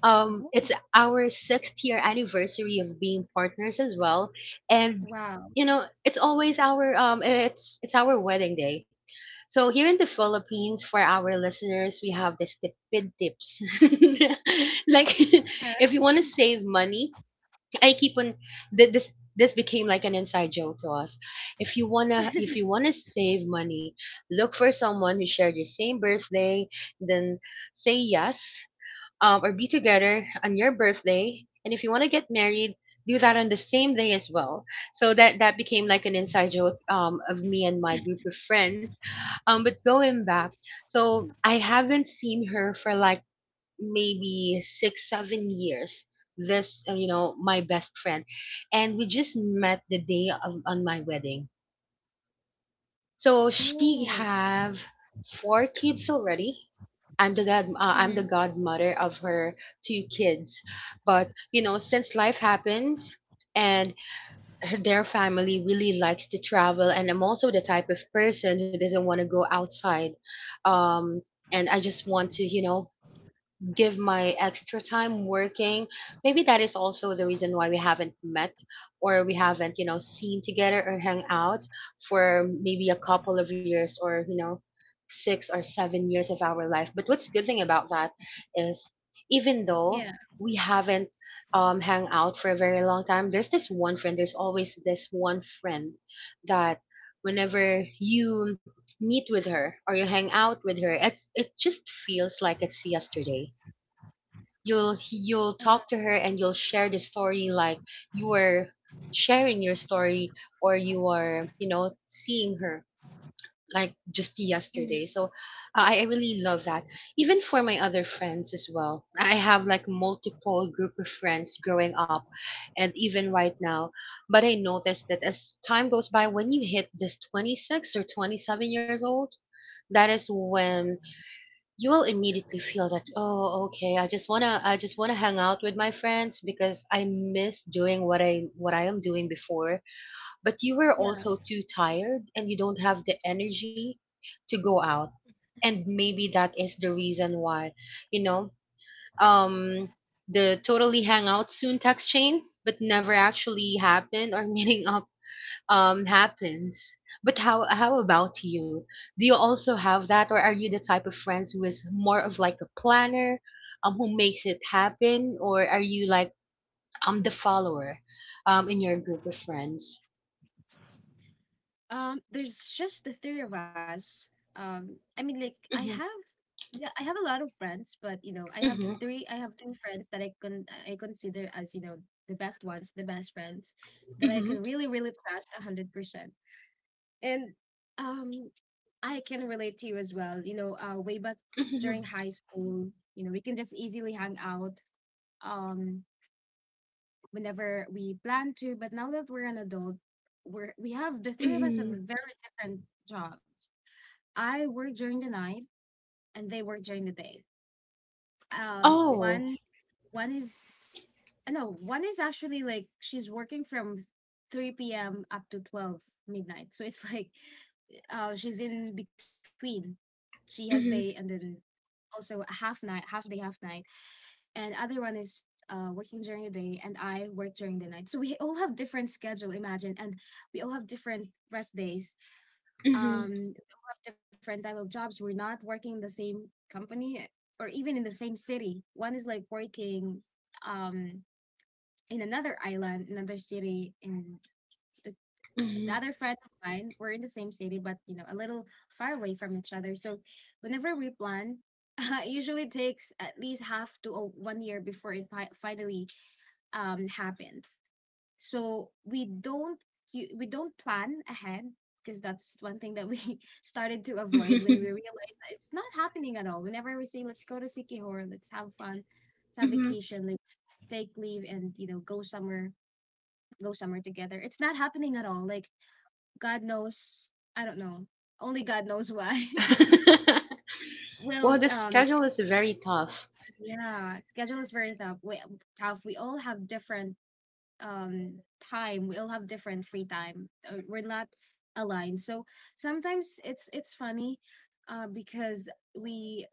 Speaker 2: It's
Speaker 1: Oh,
Speaker 2: our sixth year anniversary of being partners as well, and
Speaker 1: wow.
Speaker 2: it's always our, it's our wedding day. So here in the Philippines, for our listeners, we have this tipid tips. [LAUGHS] Like,
Speaker 1: Yeah.
Speaker 2: [LAUGHS] if you want to save money, I keep on this. This became like an inside joke to us. If you wanna save money, look for someone who shared your same birthday. Then say yes, or be together on your birthday. And if you want to get married, do that on the same day as well. So that became like an inside joke, of me and my group of friends. But going back, so I haven't seen her for like maybe six, 7 years. This, my best friend, and we just met the day of on my wedding, so she
Speaker 1: Oh.
Speaker 2: have four kids already. I'm the god.
Speaker 1: hmm
Speaker 2: I'm the godmother of her two kids, but since life happens, and her, their family really likes to travel, and I'm also the type of person who doesn't want to go outside, um, and I just want to, give my extra time working. Maybe that is also the reason why we haven't met, or we haven't seen together or hung out for maybe a couple of years, or 6 or 7 years of our life. But what's good thing about that is,
Speaker 1: Yeah.
Speaker 2: even though we haven't hung out for a very long time, there's always this one friend that whenever you meet with her or you hang out with her, it just feels like it's yesterday. you'll
Speaker 1: Uh,
Speaker 2: you'll talk to her and you'll share the story like you are sharing your story, or you are seeing her like just
Speaker 1: mhm.
Speaker 2: yesterday. So I really love that. Even for my other friends as well, I have like multiple group of friends growing up, and even right now, but I noticed that as time goes by, when you hit just 26 or 27 years old, that is when you will immediately feel that, oh, okay, I just want to hang out with my friends because I miss doing what I am doing before. But you were
Speaker 1: Yeah.
Speaker 2: also too tired and you don't have the energy to go out. And maybe that is the reason why, you know um the totally hang out soon text chain but never actually happened, or [LAUGHS] meeting up happens. But how about you? Do you also have that, or are you the type of friends who is more of like a planner, who makes it happen, or are you like the follower, in your group of friends?
Speaker 1: There's just the three of us. I mean, like I
Speaker 2: Mm-hmm,
Speaker 1: have, yeah, I have a lot of friends, but you know, I have
Speaker 2: mm-hmm,
Speaker 1: three. I have two friends that I can I consider as you know the best ones, the best friends that I
Speaker 2: mm-hmm,
Speaker 1: can really really trust 100%. And um, I can relate to you as well. You know, way back
Speaker 2: mm-hmm.
Speaker 1: during high school, you know, we can just easily hang out. Um, whenever we plan to. But now that we're an adult, we're we have the three of us have
Speaker 2: Hmm.
Speaker 1: very different jobs. I work during the night and they work during the day. Um,
Speaker 2: Oh.
Speaker 1: one one is no, one is actually like she's working from 3 p.m. up to 12 midnight. So it's like she's in between. She has day and
Speaker 2: Mm-hmm,
Speaker 1: then also half night, half day, half night. And other one is working during the day and I work during the night. So we all have different schedule, imagine, and we all have different rest days.
Speaker 2: mm-hmm,
Speaker 1: Um, we all have different type of jobs. We're not working in the same company or even in the same city. One is like working um in another island, another city in the, the
Speaker 2: mm-hmm,
Speaker 1: other friend of mine we're in the same city, but you know a little far away from each other. So whenever we plan, [LAUGHS] it usually takes at least half to 1 year before it pi- finally happens. So we don't we don't plan ahead because that's one thing that we [LAUGHS] started to avoid when we
Speaker 2: mm-hmm.
Speaker 1: realized that it's not happening at all. Whenever we say let's go to Sikihor, let's have fun, let's have
Speaker 2: Hmm.
Speaker 1: vacation, let's take leave and you know go somewhere together. It's not happening at all. Like God knows, I don't know. Only God knows why. [LAUGHS]
Speaker 2: [LAUGHS] Well,
Speaker 1: Well,
Speaker 2: the schedule is very tough.
Speaker 1: yeah, schedule is very tough. Tough. We all have different um time. We all have different free time. We're not aligned, so sometimes it's funny because we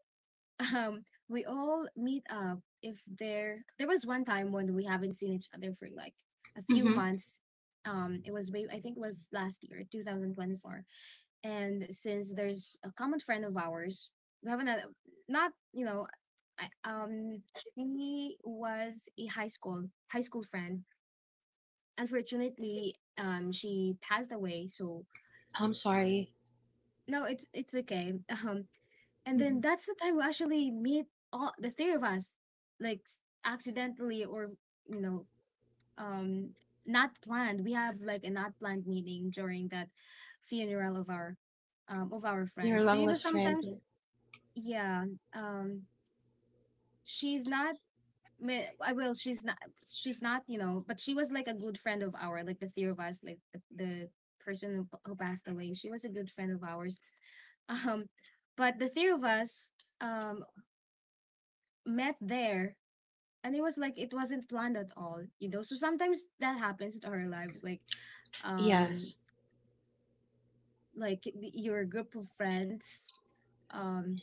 Speaker 1: [LAUGHS] um we all meet up if there was one time when we haven't seen each other for like a few
Speaker 2: Mm-hmm.
Speaker 1: months. It was way, I think it was last year 2024, and since there's a common friend of ours, we haven't had- not you know I, um he was a high school friend, unfortunately. She passed away, so
Speaker 2: I'm sorry.
Speaker 1: no, it's it's okay. [LAUGHS] um and then
Speaker 2: Mm-hmm.
Speaker 1: that's the time we actually meet all the three of us, like s- accidentally, or you know um not planned. We have like a not planned meeting during that funeral of our
Speaker 2: Your
Speaker 1: friend. So
Speaker 2: long
Speaker 1: you know
Speaker 2: lost friend.
Speaker 1: sometimes yeah um she's not Me- I will. She's not. She's not. You know, but she was like a good friend of ours. Like the three of us. Like the person who passed away. She was a good friend of ours. [LAUGHS] Um, but the three of us um met there, and it was like it wasn't planned at all. You know, so sometimes that happens to our lives.
Speaker 2: Yes.
Speaker 1: Um, like your group of friends um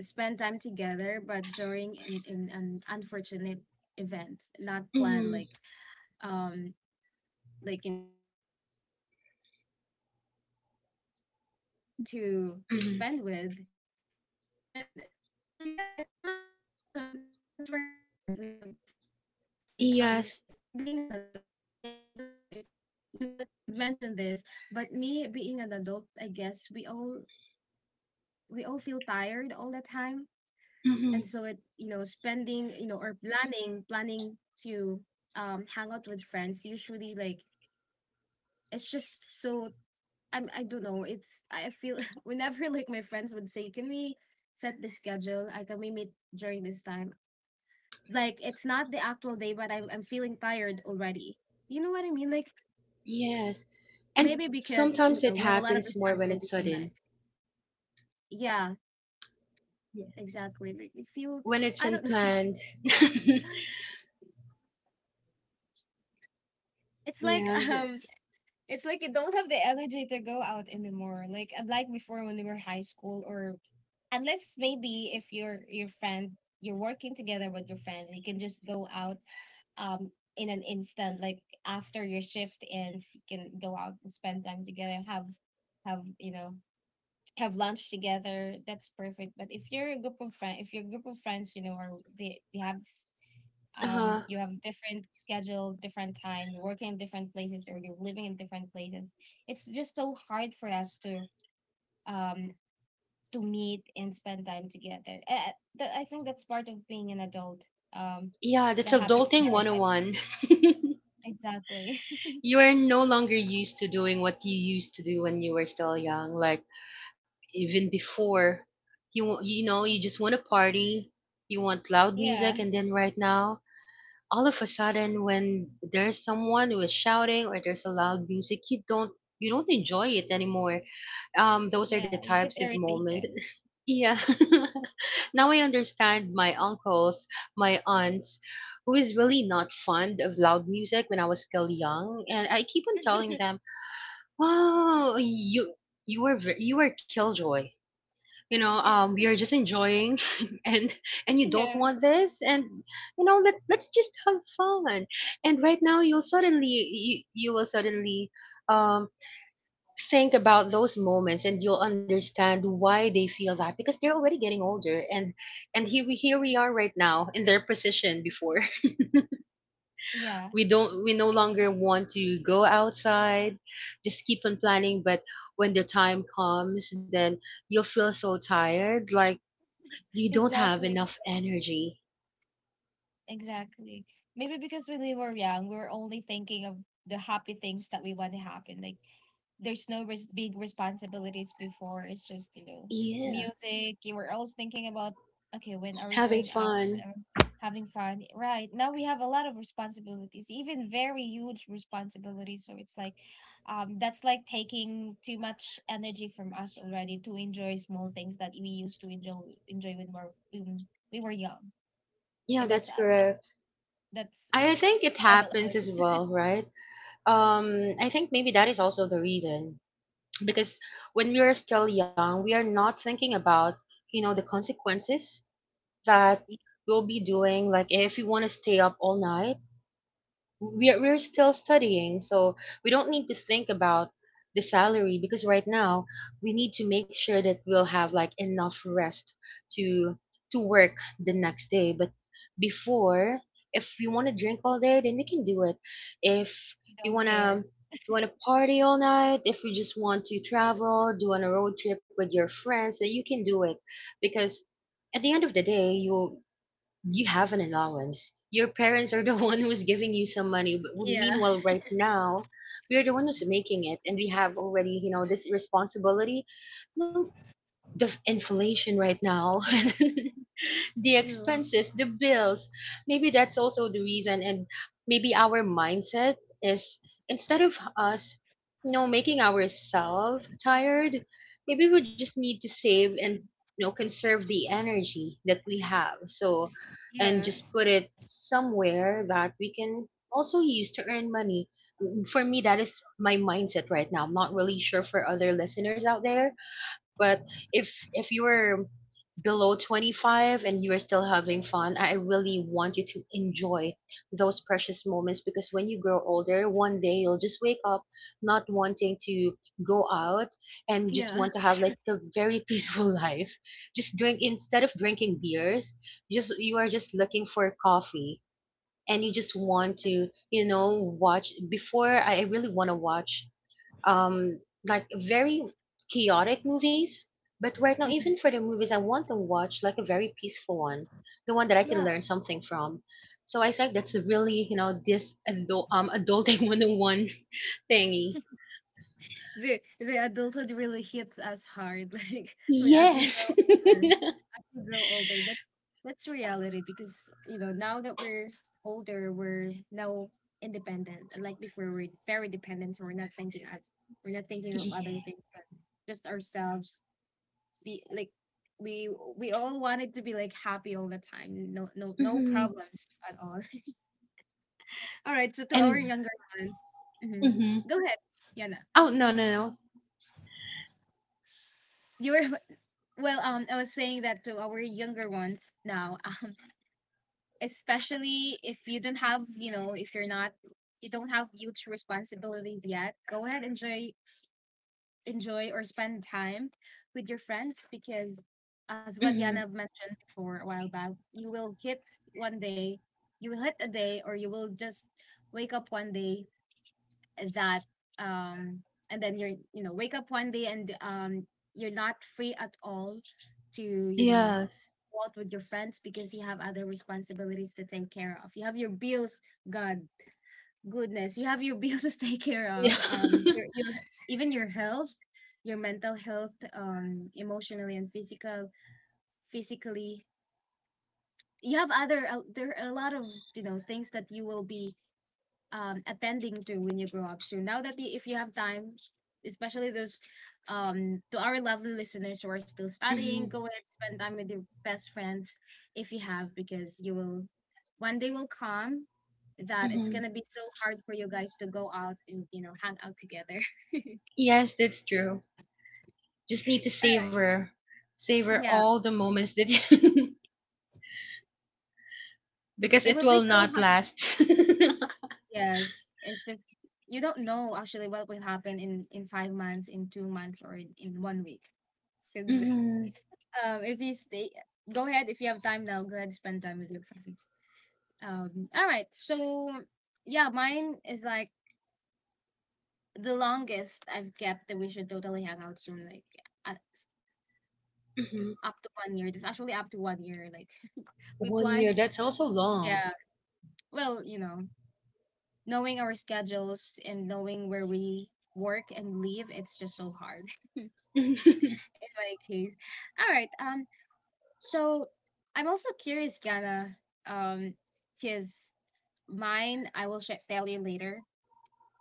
Speaker 1: spend time together, but during an unfortunate event, not planned. Like, um, like something fun to
Speaker 2: Mhm.
Speaker 1: spend with. And so yeah, it's not [LAUGHS] because we're not adult, we have a different. And I think
Speaker 2: Yes.
Speaker 1: being an adult, yeah, I don't know if you mentioned this, but me being an adult, I guess we all feel tired all the time. And
Speaker 2: Hmm.
Speaker 1: so it, spending, or planning to hang out with friends, usually, like it's just so I don't know. It's I feel [LAUGHS] whenever, like, my friends would say, "Can we set the schedule? I Can we meet during this time?" Like it's not the actual day, but I'm feeling tired already. You know what I mean? Like
Speaker 2: Yes.
Speaker 1: maybe
Speaker 2: And
Speaker 1: because,
Speaker 2: sometimes
Speaker 1: we have
Speaker 2: it
Speaker 1: a lot of
Speaker 2: happens more when
Speaker 1: responsibilities
Speaker 2: it's
Speaker 1: in life.
Speaker 2: sudden,
Speaker 1: Yeah,
Speaker 2: yeah,
Speaker 1: exactly. Like you feel,
Speaker 2: when it's
Speaker 1: I don't know.
Speaker 2: unplanned. [LAUGHS]
Speaker 1: [LAUGHS] It's like
Speaker 2: Yeah.
Speaker 1: um, it's like you don't have the energy to go out anymore. Like, unlike before when we were high school. Or unless maybe if your friend, you're working together with your friend, you can just go out um in an instant, like after your shift ends, you can go out and spend time together, have you know have lunch together. That's perfect. But if you're a group of friends, if your group of friends, are, they have,
Speaker 2: Uh,
Speaker 1: you have different schedule, different time, you're working in different places, or you're living in different places. It's just so hard for us um to meet and spend time together. I think that's part of being an adult. Um,
Speaker 2: yeah, that's
Speaker 1: that happens in
Speaker 2: adulting
Speaker 1: our life.
Speaker 2: 101. [LAUGHS]
Speaker 1: Exactly.
Speaker 2: You are no longer used to doing what you used to do when you were still young. Like, even before, you just want to party, you want loud
Speaker 1: [LAUGHS]
Speaker 2: music,
Speaker 1: Yeah.
Speaker 2: and then right now, all of a sudden when there's someone who is shouting or there's a loud music, you don't enjoy it anymore. Those
Speaker 1: Yeah.
Speaker 2: are the
Speaker 1: You get
Speaker 2: types of
Speaker 1: irritated.
Speaker 2: moments. [LAUGHS] Yeah. [LAUGHS] Now I understand my uncles, my aunts, who is really not fond of loud music when I was still young, and I keep on telling
Speaker 1: [LAUGHS]
Speaker 2: them, wow, you were killjoy. We are just enjoying. [LAUGHS] and and you don't
Speaker 1: Yeah.
Speaker 2: want this, and let's just have fun. And right now, you will suddenly um think about those moments, and you'll understand why they feel that because they're already getting older. And here we are right now in their position before.
Speaker 1: Yeah.
Speaker 2: [LAUGHS] We don't, we no longer want to go outside. Just keep on planning, but when the time comes, then you'll feel so tired. Like you don't have
Speaker 1: Exactly.
Speaker 2: enough energy.
Speaker 1: Exactly. Maybe because when we were young, we were only thinking of the happy things that we want to happen, like there's no big responsibilities before. It's just,
Speaker 2: Yeah.
Speaker 1: music. You were always thinking about, okay, when are we
Speaker 2: Having
Speaker 1: going out?
Speaker 2: fun.
Speaker 1: Um, Having fun. Right. Now we have a lot of responsibilities, even very huge responsibilities. So it's like, that's like taking too much energy from us already to enjoy small things that we used to enjoy when when we were young.
Speaker 2: Yeah,
Speaker 1: And
Speaker 2: that's correct.
Speaker 1: that's
Speaker 2: I think it happens
Speaker 1: adulthood.
Speaker 2: as
Speaker 1: [LAUGHS]
Speaker 2: well, right? I think maybe that is also the reason because when we are still young, we are not thinking about, the consequences that we'll be doing. Like if we want to stay up all night, we're still studying, so we don't need to think about the salary because right now we need to make sure that we'll have like enough rest to to work the next day. But before, if you want to drink all day, then we can do it. If you
Speaker 1: Don't care.
Speaker 2: wanna if you wanna party all night, if you just want to travel, do on a road trip with your friends, then you can do it because at the end of the day, you have an allowance. Your parents are the [LAUGHS] one who's giving you some money. But meanwhile, right now, we are the one who's making it, and we have already, this responsibility. No, inflation right now [LAUGHS] the expenses, the bills, maybe that's also the reason. And maybe our mindset is, instead of us, making ourselves tired, maybe we just need to save and, conserve the energy that we have, so and
Speaker 1: Yeah,
Speaker 2: just put it somewhere that we can also use to earn money. For me, that is my mindset right now. I'm not really sure for other listeners out there, but if you're below 25 and you are still having fun, I really want you to enjoy those precious moments because when you grow older, one day you'll just wake up not wanting to go out and just
Speaker 1: yeah,
Speaker 2: want to have like a very [LAUGHS] peaceful life. Just drink, instead of drinking beers, just you are just looking for coffee. And you just want to, watch, before I really want to watch um like very chaotic movies. But right now, even
Speaker 1: mhm.
Speaker 2: for the movies, I want to watch like a very peaceful one, the one that I can
Speaker 1: Yeah.
Speaker 2: learn something from. So I think that's really, this adult, adulting [LAUGHS] 101 thingy.
Speaker 1: The adulthood really hits us hard, [LAUGHS] like as we grow
Speaker 2: Yes. [LAUGHS]
Speaker 1: older, as we grow older. That's reality, because now that we're older, we're now independent. Like before, we're very dependent, so we're not thinking of other
Speaker 2: Yeah.
Speaker 1: things but just ourselves. Be like we we all wanted to be like happy all the time, no, no, no
Speaker 2: Hmm.
Speaker 1: problems at all. [LAUGHS] All right, so to our
Speaker 2: And.
Speaker 1: younger ones, hmm,
Speaker 2: Hmm.
Speaker 1: go ahead, Yana.
Speaker 2: Oh, no, no, no.
Speaker 1: You were [LAUGHS] well, I was saying that to our younger ones now. [LAUGHS] Especially if you don't have, if you don't have huge responsibilities yet, go ahead, enjoy or spend time with your friends, because, as what
Speaker 2: Hmm.
Speaker 1: Yana mentioned before a while back, you will hit one day, you will hit a day, or you will just wake up one day that, um, and then you're, wake up one day and you're not free at all to,
Speaker 2: Yes.
Speaker 1: go out with your friends because you have other responsibilities to take care of. You have your bills, God, goodness, you have your bills [LAUGHS] to take care
Speaker 2: Yeah.
Speaker 1: of. Your even your health, your mental health, emotionally and physically. You have other There are a lot of, things that you will be attending to when you grow up. So now that if you have time, especially those to our lovely listeners who are still
Speaker 2: [LAUGHS]
Speaker 1: studying,
Speaker 2: Hmm.
Speaker 1: go ahead, spend time with your best friends if you have, because you will one day will come that it's
Speaker 2: Hmm.
Speaker 1: gonna be so hard for you guys to go out and, hang out together. [LAUGHS]
Speaker 2: Yes, that's true, just need to
Speaker 1: All right.
Speaker 2: savor
Speaker 1: Yeah,
Speaker 2: all the moments that you [LAUGHS] because
Speaker 1: it
Speaker 2: it
Speaker 1: would
Speaker 2: will
Speaker 1: be so
Speaker 2: not
Speaker 1: hard.
Speaker 2: last. [LAUGHS]
Speaker 1: Yes, it's just you don't know actually what will happen in 5 months, in 2 months, or in one week. So
Speaker 2: Mhm,
Speaker 1: [LAUGHS] if you stay, go ahead. If you have time now, go ahead and spend time with your friends. All right. So yeah, mine is like the longest I've kept that we should totally hang out soon. Like. a-
Speaker 2: mhm.
Speaker 1: Up to one year. It's actually up to one year. Like [LAUGHS] we
Speaker 2: One year,
Speaker 1: planned.
Speaker 2: that's also long.
Speaker 1: Yeah. Well, knowing our schedules and knowing where we work and leave, it's just so hard [LAUGHS]
Speaker 2: [LAUGHS] Hmm.
Speaker 1: in my case. All right. So I'm also curious, Gana, um, because mine, I will tell you later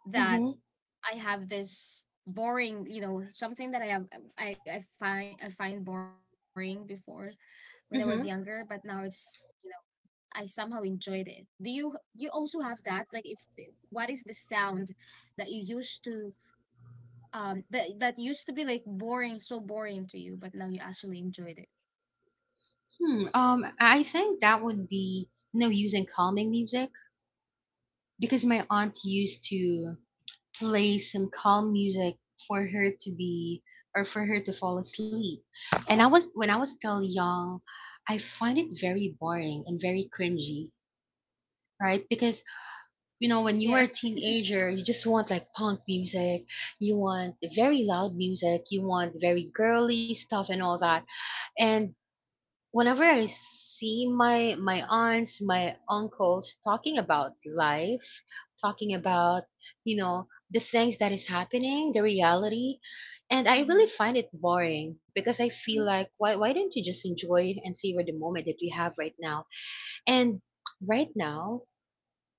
Speaker 1: that
Speaker 2: Hmm.
Speaker 1: I have this boring, something that I find boring before when I was younger, but
Speaker 2: Hmm.
Speaker 1: now it's you I somehow enjoyed it. Do you also have that? Like, if what is the sound that you used to that that used to be like boring, so boring to you, but now you actually enjoyed it.
Speaker 2: I think that would be no use in calming music, because my aunt used to play some calm music for her to be or for her to fall asleep. And I was when I was still young, I find it very boring and very cringy, right? Because, when you were
Speaker 1: Yeah.
Speaker 2: a teenager, you just want like punk music, you want very loud music, you want very girly stuff and all that. And whenever I see my aunts, my uncles, talking about life, talking about, the things that is happening, the reality, and I
Speaker 1: Mm-hmm.
Speaker 2: really find it boring because I feel like, why don't you just enjoy and savor the moment that we have right now. And right now,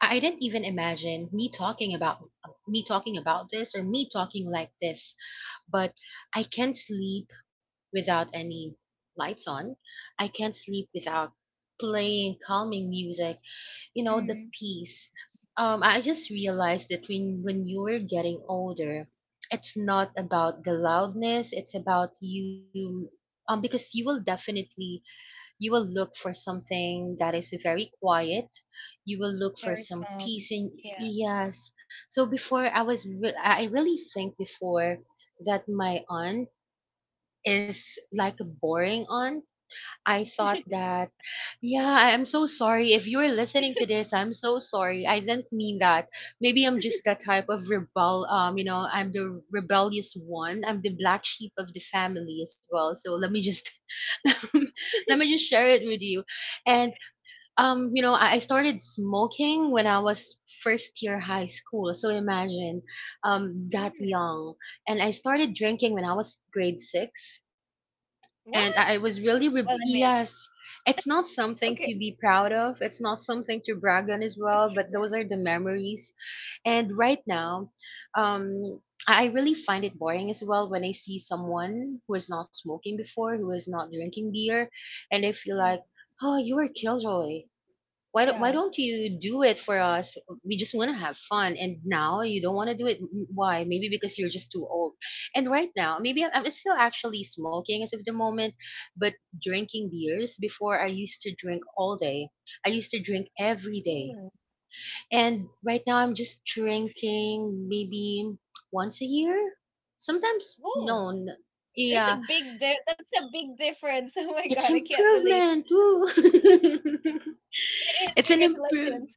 Speaker 2: I didn't even imagine me talking about this, or me talking like this, but I can't sleep without any lights on. I can't sleep without playing calming music, the
Speaker 1: Mm-hmm.
Speaker 2: peace. I just realized that when you're getting older, it's not about the loudness, it's about you, because you will look for something that is very quiet. You will look for some peace in, yes. So before, I really think before that my aunt is like a boring aunt. I thought that, yeah. I'm so sorry if you're listening to this. I'm so sorry, I didn't mean that. Maybe I'm just that type of rebel, I'm the rebellious one. I'm the black sheep of the family as well. So let me just [LAUGHS] let me just share it with you. And, I started smoking when I was first year high school. So imagine, that
Speaker 1: Mm.
Speaker 2: young. And I started drinking when I was grade six.
Speaker 1: What?
Speaker 2: And I was
Speaker 1: Well, I mean,
Speaker 2: yes, it's not something
Speaker 1: okay,
Speaker 2: to be proud of, it's not something to brag on as
Speaker 1: for
Speaker 2: well, but those
Speaker 1: sure.
Speaker 2: are the memories. And right now, um, I really find it boring as well when I see someone who is not smoking before, who is not drinking beer. And I feel
Speaker 1: Mm.
Speaker 2: like, oh, you are killjoy. Why don't, why
Speaker 1: Yeah.
Speaker 2: don't you do it for us? We just want to have fun, and now you don't want to do it. Why? Maybe because you're just too old. And right now, maybe I'm still actually smoking as of the moment. But drinking beers, before I used to drink all day, I used to drink every day.
Speaker 1: Mm.
Speaker 2: And right now I'm just drinking maybe once a year. Sometimes
Speaker 1: Whoa,
Speaker 2: no.
Speaker 1: there's a
Speaker 2: Yeah,
Speaker 1: that's a big difference. [LAUGHS] Oh my God,
Speaker 2: it's
Speaker 1: I can't believe.
Speaker 2: improvement. Woo. [LAUGHS]
Speaker 1: It is.
Speaker 2: it's an improve
Speaker 1: Congratulations.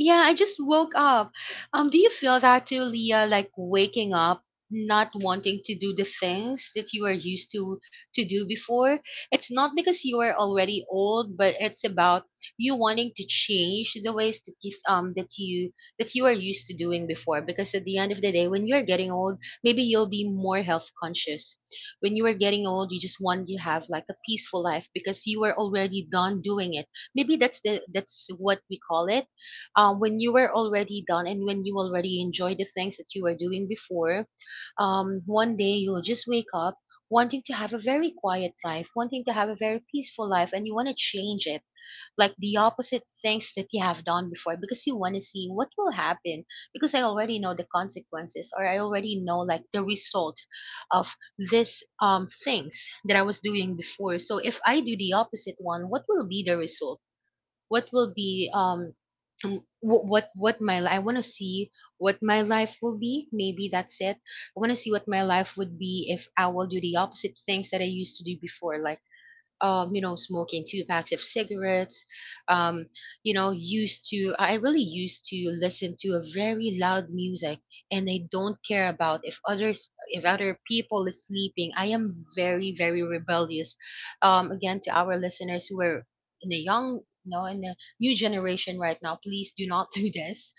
Speaker 2: Yeah, I just woke up. Do you feel that too, Leah? Like waking up, not wanting to do the things that you are used to do before. It's not because you are already old, but it's about you wanting to change the ways that you that you that you are used to doing before. Because at the end of the day, when you are getting old, maybe you'll be more health conscious. When you are getting old, you just want to have like a peaceful life because you are already done doing it. Maybe that's the that's what we call it, when you were already done, and when you already enjoy the things that you were doing before, one day you'll just wake up wanting to have a very quiet life, wanting to have a very peaceful life, and you want to change it, like the opposite things that you have done before, because you want to see what will happen. Because I already know the consequences, or I already know like the result of this, things that I was doing before. So if I do the opposite one, what will be the result? What will be wh- what I want to see what my life will be. Maybe that's it. I want to see what my life would be if I will do the opposite things that I used to do before, like, smoking two packs of cigarettes. Um, I really used to listen to a very loud music. And I don't care about if other people is sleeping. I am very, very rebellious. Again, to our listeners who are in a young, you know, in a new generation right now, please do not [LAUGHS] do this.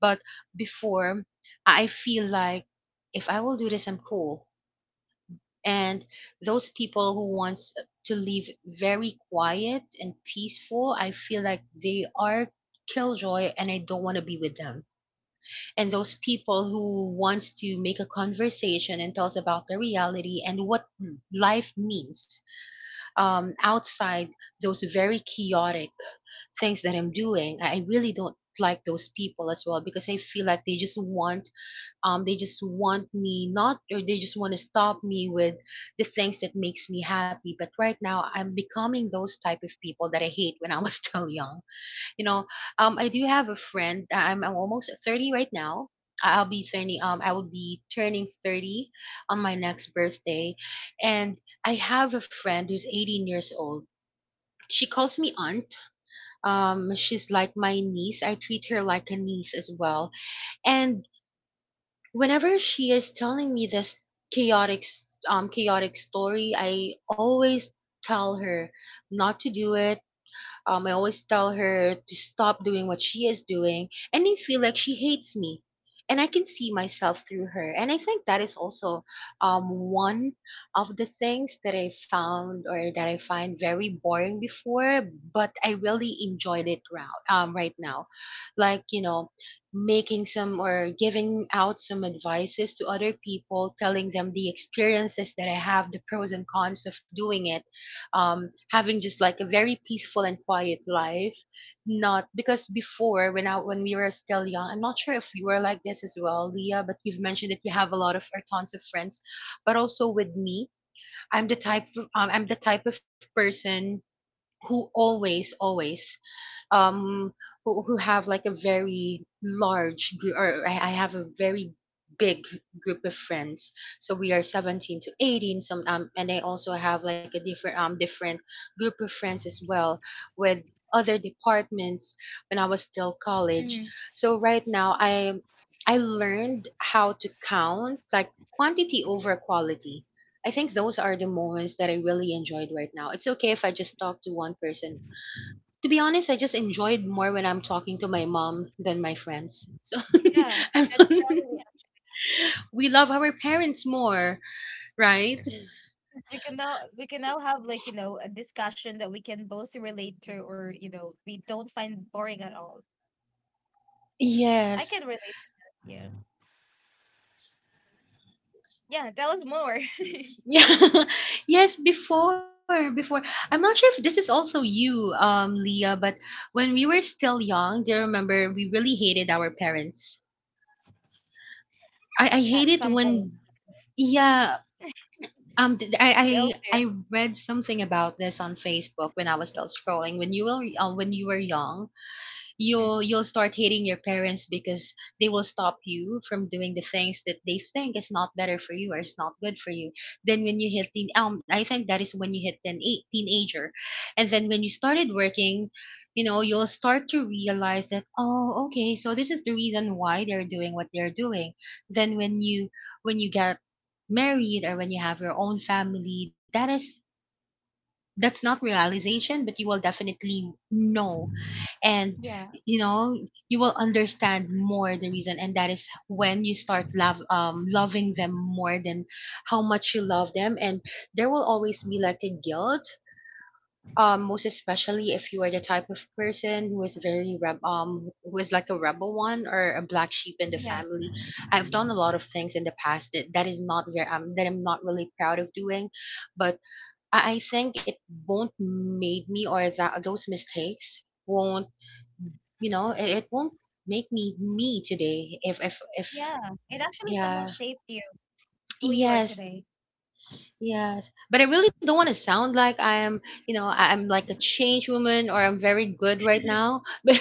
Speaker 2: But before, I feel like if I will do this, I'm cool. And those people who wants to live very quiet and peaceful, I feel like they are killjoy, and I don't want to be with them. And those people who wants to make a conversation and tells about the reality and what life means, outside those very chaotic things that I'm doing, I really don't like those people as well, because I feel like they just want me not or they just want to stop me with the things that makes me happy. But right now I'm becoming those type of people that I hate when I was [LAUGHS] still young, you know I do have a friend. I'm almost 30 right now. I'll be 30, I will be turning 30 on my next birthday. And I have a friend who's 18 years old. She calls me aunt. She's like my niece, I treat her like a niece as well. And whenever she is telling me this chaotic chaotic story, I always tell her not to do it. I always tell her to stop doing what she is doing, and I feel like she hates me. And I can see myself through her. And I think that is also, one of the things that I found or that I find very boring before, but I really enjoyed it round, right now. Like, making some or giving out some advices to other people, telling them the experiences that I have, the pros and cons of doing it, having just like a very peaceful and quiet life. Not because before, when we were still young, I'm not sure if you were like this as well, Leah, but you've mentioned that you have a lot of or tons of friends. But also with me, I'm the type of person who always always um who have like a very large group, or I have a very big group of friends, so we are 17 to 18 some, and I also have like a different group of friends as well, with other departments when I was still college.
Speaker 1: Mm.
Speaker 2: So right now, I learned how to count like quantity over quality. I think those are the moments that I really enjoyed right now. It's okay if I just talk to one person. To be honest, I just enjoyed more when I'm talking to my mom than my friends. So
Speaker 1: Yeah,
Speaker 2: [LAUGHS] I'm
Speaker 1: that's
Speaker 2: not.
Speaker 1: really.
Speaker 2: [LAUGHS] We love our parents more, right?
Speaker 1: We can now have, like, a discussion that we can both relate to or, we don't find boring at all. I
Speaker 2: Yes.
Speaker 1: can relate. Yeah. Yeah, tell us more. [LAUGHS]
Speaker 2: Yeah. [LAUGHS] Yes, before. I'm not sure if this is also you, Leah, but when we were still young, do you remember we really hated our parents? I hate
Speaker 1: At
Speaker 2: it
Speaker 1: some point.
Speaker 2: when, yeah. Um, th-
Speaker 1: We
Speaker 2: I,
Speaker 1: all
Speaker 2: I I
Speaker 1: do.
Speaker 2: read something about this on Facebook when I was still scrolling. When you were young, you'll
Speaker 1: Mhm.
Speaker 2: you'll start hating your parents because they will stop you from doing the things that they think is not better for you or is not good for you. Then when you hit teen, I think that is when you hit teenager. And then when you started working, you'll start to realize that, oh, okay, so this is the reason why they're doing what they're doing. Then when you get married or when you have your own family, that's not realization, but you will definitely know. And
Speaker 1: Yeah,
Speaker 2: you know you will understand more the reason, and that is when you start love loving them more than how much you love them. And there will always be like a guilt. Most especially if you are the type of person who is like a rebel one or a black sheep in the
Speaker 1: yeah,
Speaker 2: family. I've done a lot of things in the past that is not where I'm that I'm not really proud of doing. But I think it won't made me or that those mistakes won't, it won't make me today if.
Speaker 1: yeah. It actually somehow
Speaker 2: Yeah.
Speaker 1: shaped you, who you are
Speaker 2: Yes.
Speaker 1: today.
Speaker 2: Yes, but I really don't want to sound like I am, I'm like a change woman or I'm very good right now. [LAUGHS] But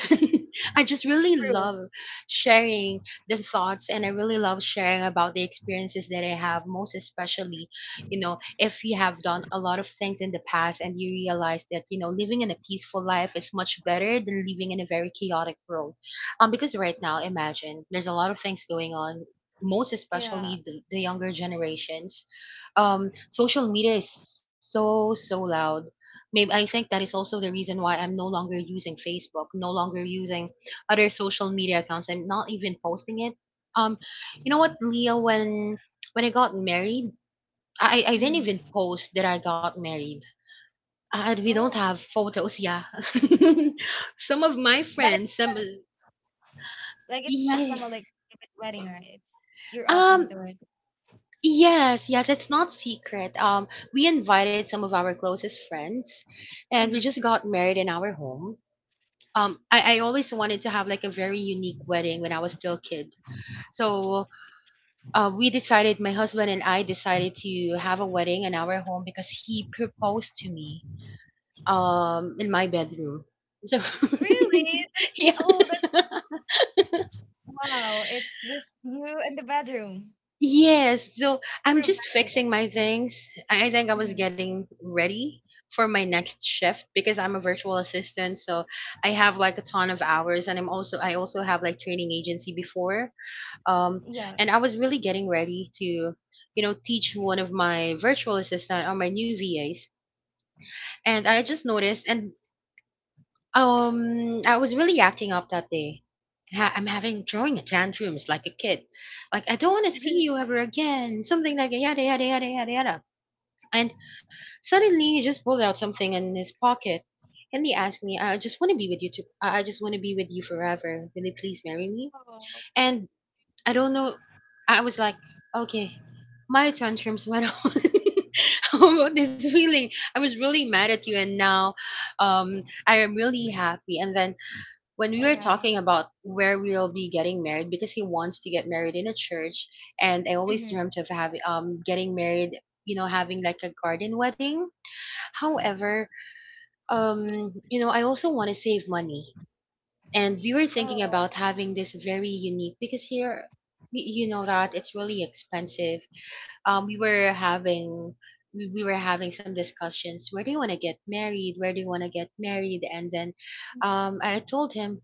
Speaker 2: I just really
Speaker 1: True.
Speaker 2: love sharing the thoughts, and I really love sharing about the experiences that I have, most especially, if you have done a lot of things in the past and you realize that, living in a peaceful life is much better than living in a very chaotic world. Because right now, imagine there's a lot of things going on, most
Speaker 1: Yeah.
Speaker 2: especially the younger generations. Social media is so so loud. Maybe I think that is also the reason why I'm no longer using Facebook, no longer using other social media accounts. I'm not even posting it. um you know what, Leah, when I got married, I didn't even
Speaker 1: Mm-hmm.
Speaker 2: post that I got married. We don't
Speaker 1: Oh,
Speaker 2: have photos. Yeah. [LAUGHS] Some of my
Speaker 1: but it's
Speaker 2: friends, some.
Speaker 1: not, like, it's not some
Speaker 2: Yeah.
Speaker 1: like private wedding, right? It's You're open
Speaker 2: um
Speaker 1: to it.
Speaker 2: Yes, yes, it's not secret. We invited some of our closest friends, and we
Speaker 1: Mhm.
Speaker 2: just got married in our home. I always wanted to have like a very unique wedding when I was still a kid. So my husband and I decided to have a wedding in our home because he proposed to me in my bedroom. So
Speaker 1: Really?
Speaker 2: [LAUGHS] yeah.
Speaker 1: That's wow. It's just you and the bedroom.
Speaker 2: Yes, so
Speaker 1: So
Speaker 2: I'm just
Speaker 1: romantic.
Speaker 2: fixing my things. I think I was
Speaker 1: Mm-hmm.
Speaker 2: getting ready for my next shift because I'm a virtual assistant, so I have like a ton of hours, and I also have like training agency before. Um
Speaker 1: Yeah.
Speaker 2: and I was really getting ready to, teach one of my virtual assistant or my new VAs. And I just noticed and I was really acting up that day. I'm having throwing a tantrums like a kid. Like I don't want to see you ever again. Something like yada yada yada yada yada. And suddenly, he just pulled out something in his pocket, and he asked me, "I just want to be with you. I just want to be with you forever. Will you please marry me?"
Speaker 1: Oh,
Speaker 2: And I don't know. I was like, "Okay." My tantrums went on. [LAUGHS] About this feeling? I was really mad at you, and now, I am really happy. And then when we
Speaker 1: oh,
Speaker 2: were talking
Speaker 1: wow.
Speaker 2: about where we'll be getting married, because he wants to get married in a church, and I always
Speaker 1: Mm-hmm.
Speaker 2: dreamt of having getting married, having like a garden wedding. However, I also want to save money. And we were thinking
Speaker 1: Oh,
Speaker 2: about having this very unique, because here, you know that it's really expensive. Um we were having we were having some discussions. Where do you want to get married? Where do you want to get married? And then, I told him,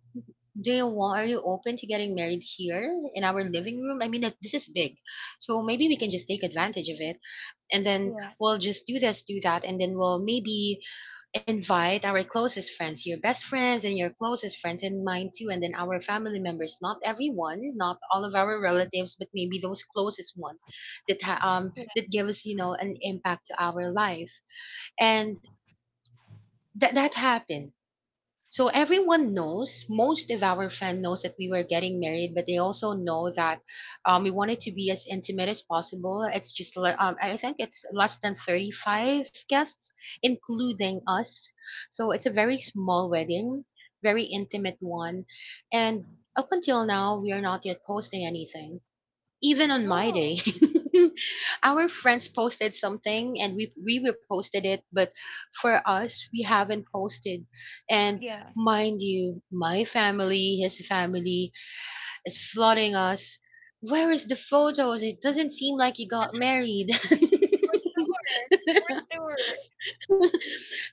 Speaker 2: are you open to getting married here in our living room? I mean, like, this is big. So maybe we can just take advantage of it. And then
Speaker 1: yeah,
Speaker 2: we'll just do this, do that. And then we'll maybe invite our closest friends, your best friends and your closest friends and mine too. And then our family members, not everyone, not all of our relatives, but maybe those closest ones that, ha- um,
Speaker 1: yeah.
Speaker 2: that give us, an impact to our life. And that happened. So most of our fan knows that we were getting married, but they also know that, we wanted to be as intimate as possible. It's just, I think it's less than 35 guests, including us. So it's a very small wedding, very intimate one. And up until now, we are not yet posting anything, even on my
Speaker 1: Oh,
Speaker 2: day. [LAUGHS] Our friends posted something, and we reposted it, but for us, we haven't posted. And
Speaker 1: yeah.
Speaker 2: mind you, my family, his family is flooding us. Where is the photos? It doesn't seem like you got married. [LAUGHS]
Speaker 1: For sure. For sure.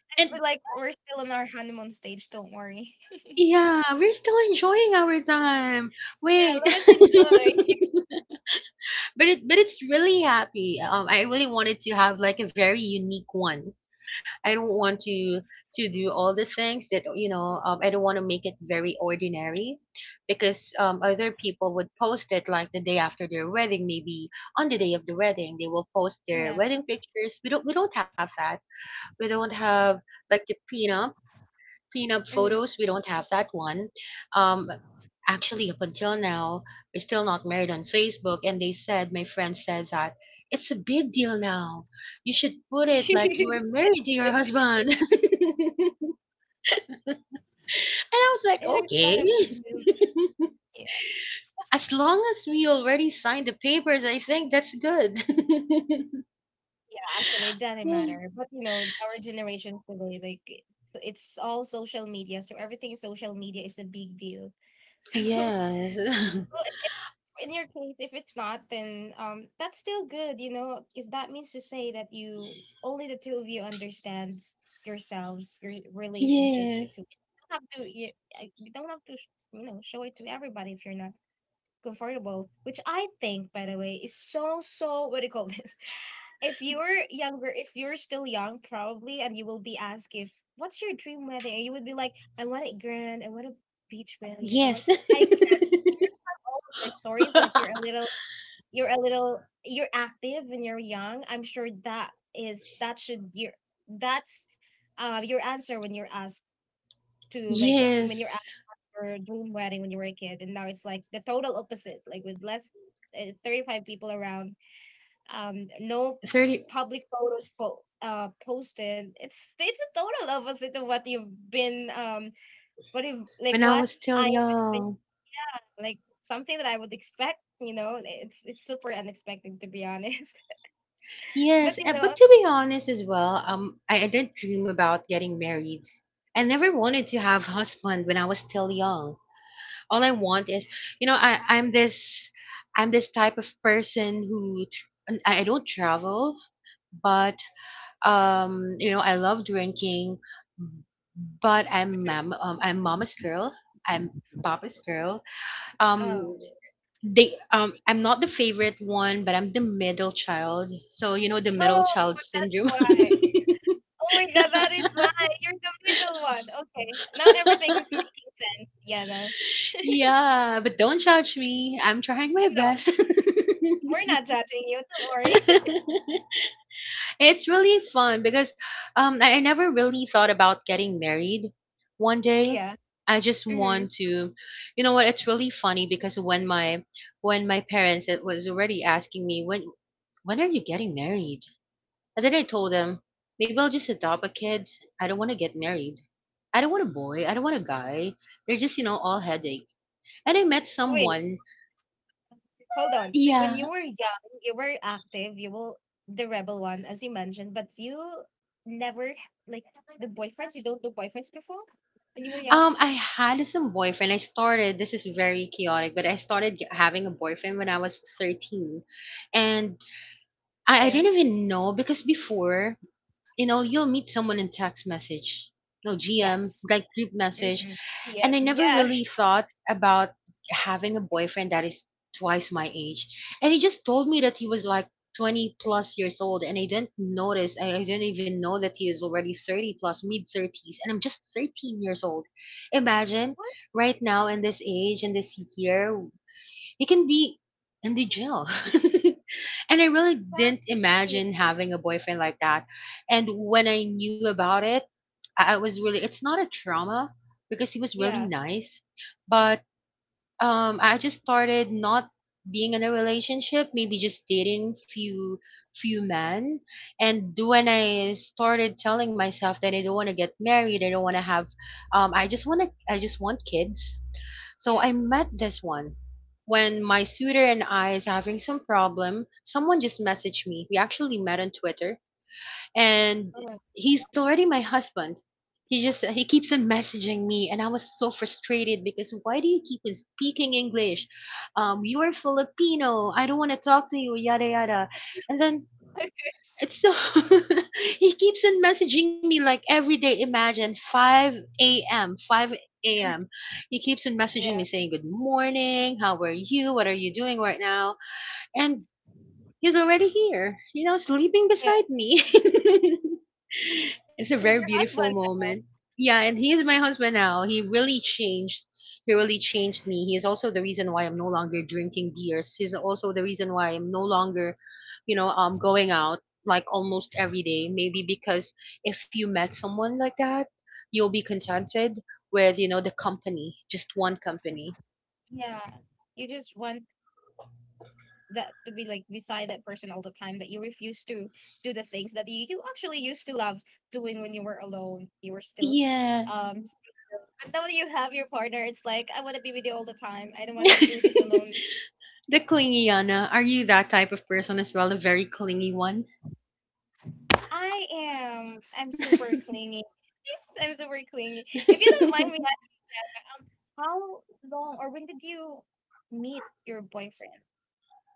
Speaker 2: And
Speaker 1: But, like, we're still on our honeymoon stage. Don't worry. [LAUGHS]
Speaker 2: yeah, we're still enjoying our time. Wait.
Speaker 1: Yeah. Let us
Speaker 2: [LAUGHS]
Speaker 1: enjoy.
Speaker 2: But it's really happy. I really wanted to have like a very unique one. I don't want to do all the things that you know. I don't want to make it very ordinary, because, other people would post it like the day after their wedding, maybe on the day of the wedding, they will post their
Speaker 1: Yeah.
Speaker 2: wedding pictures. We don't have that. We don't have like the prenup. Prenup
Speaker 1: Mm-hmm.
Speaker 2: photos, we don't have that one. Um, Actually, up until now, we're still not married on Facebook. My friend said that it's a big deal now. You should put
Speaker 1: [LAUGHS]
Speaker 2: it like you were married to your
Speaker 1: It
Speaker 2: husband. [LAUGHS] And I was like,
Speaker 1: is quite
Speaker 2: okay.
Speaker 1: a big deal.
Speaker 2: [LAUGHS] As long as we already signed the papers, I think that's good. [LAUGHS]
Speaker 1: Yeah, actually, it doesn't matter. But our generations today, like, so it's all social media. So everything social media is a big deal. So, [LAUGHS] well,
Speaker 2: Yes. [LAUGHS]
Speaker 1: if, in your case, if it's not, then that's still good, because that means to say that you only the two of you understands yourselves, your relationship
Speaker 2: Yes.
Speaker 1: situation. You don't have to, show it to everybody if you're not comfortable, which I think, by the way, is so, so, what do you call this? [LAUGHS] If you're younger, if you're still young, probably, and you will be asked if, what's your dream wedding? And you would be like, I want it grand. I want a beach wedding. I want,
Speaker 2: Yes.
Speaker 1: I hear about all of your stories, like
Speaker 2: [LAUGHS]
Speaker 1: you're a little, you're active when you're young. I'm sure that is, that should, that's, your answer when you're asked to, like, when you're
Speaker 2: Yes.
Speaker 1: your dream wedding when you were a kid, and now it's like the total opposite, like with less 35 people around, no
Speaker 2: 30.
Speaker 1: public photos posted. It's a total opposite of what you've been what if like
Speaker 2: When I
Speaker 1: what
Speaker 2: was still
Speaker 1: I am expecting,
Speaker 2: young.
Speaker 1: like something that I would expect. You know, it's super unexpected, to be honest. [LAUGHS] But,
Speaker 2: Yes,
Speaker 1: you know,
Speaker 2: but to be honest as well, I didn't dream about getting married. I never wanted to have husband when I was still young. All I want is, you know, I I'm this I'm this type of person and I don't travel, but, I love drinking, but I'm mama's girl. I'm papa's girl. Um,
Speaker 1: oh.
Speaker 2: they I'm not the favorite one, but I'm the middle child. So you know the middle
Speaker 1: Oh,
Speaker 2: child
Speaker 1: that's
Speaker 2: syndrome.
Speaker 1: why. Oh my god, that is
Speaker 2: [LAUGHS]
Speaker 1: why. You're the middle one. Okay. Now everything is making sense, Yana.
Speaker 2: Yeah, but don't judge me, I'm trying my
Speaker 1: I'm not.
Speaker 2: best.
Speaker 1: We're not judging you, don't
Speaker 2: [LAUGHS]
Speaker 1: worry. [LAUGHS]
Speaker 2: It's really fun because, I never really thought about getting married one day.
Speaker 1: Yeah.
Speaker 2: I just
Speaker 1: Hmm.
Speaker 2: want to. You know what, it's really funny because when my parents it was already asking me, when are you getting married? And then I told him, maybe I'll just adopt a kid. I don't want to get married. I don't want a boy. I don't want a guy. They're just, all headache. And I met
Speaker 1: Wait,
Speaker 2: someone.
Speaker 1: hold on. So when
Speaker 2: Yeah.
Speaker 1: you were young, you were active, you were the rebel one, as you mentioned, but you never like the boyfriends. You don't do boyfriends before when you were young.
Speaker 2: I had some boyfriend. I started, this is very chaotic, but I started having a boyfriend when I was 13. And I
Speaker 1: Okay.
Speaker 2: didn't even know because before, you'll meet someone in text message, no GM,
Speaker 1: Yes.
Speaker 2: like group message.
Speaker 1: Mm-hmm. Yeah.
Speaker 2: And I never
Speaker 1: Yeah.
Speaker 2: really thought about having a boyfriend that is twice my age. And he just told me that he was like 20 plus years old. And I didn't notice, I didn't even know that he is already 30 plus, mid 30s. And I'm just 13 years old.
Speaker 1: [LAUGHS]
Speaker 2: Imagine
Speaker 1: What?
Speaker 2: right now in this age and this year, you can be in the jail. [LAUGHS] And I really didn't
Speaker 1: Exactly.
Speaker 2: imagine having a boyfriend like that. And when I knew about it, I was really, it's not a trauma because he was really
Speaker 1: Yeah.
Speaker 2: nice. But, I just started not being in a relationship, maybe just dating few men. And when I started telling myself that I don't want to get married, I don't want to have, I just want kids, so
Speaker 1: Yeah.
Speaker 2: I met this one. When my suitor and I is having some problem, someone just messaged me. We actually met on Twitter, and
Speaker 1: Oh my
Speaker 2: he's already my husband. He keeps on messaging me, and I was so frustrated because, why do you keep on speaking English? You are Filipino. I don't want to talk to you, yada yada. And then,
Speaker 1: God. [LAUGHS]
Speaker 2: it's so. [LAUGHS] He keeps on messaging me like every day. Imagine 5 a.m. 5 a.m. He keeps on messaging me
Speaker 1: Yeah.
Speaker 2: saying, good morning, how are you, what are you doing right now. And he's already here, sleeping
Speaker 1: Yeah.
Speaker 2: beside me. [LAUGHS] It's a
Speaker 1: He's
Speaker 2: very
Speaker 1: your
Speaker 2: beautiful
Speaker 1: husband now.
Speaker 2: moment. Yeah, and he is my husband now. He really changed. He really changed me. He is also the reason why I'm no longer drinking beers. He's also the reason why I'm no longer, going out like almost every day. Maybe because if you met someone like that, you'll be contented with, the company, just one company.
Speaker 1: Yeah. You just want that to be like beside that person all the time, that you refuse to do the things that you actually used to love doing when you were alone, you were still um s-
Speaker 2: Yes.
Speaker 1: and now that you have your partner, it's like, I want to be with you all the time, I don't want
Speaker 2: [LAUGHS]
Speaker 1: to do this alone.
Speaker 2: The clingy Yana. Are you that type of person as well? A very clingy one?
Speaker 1: I'm super clingy. [LAUGHS] I'm super clingy. If you don't mind me
Speaker 2: [LAUGHS]
Speaker 1: asking, yeah, how long or when did you meet your boyfriend?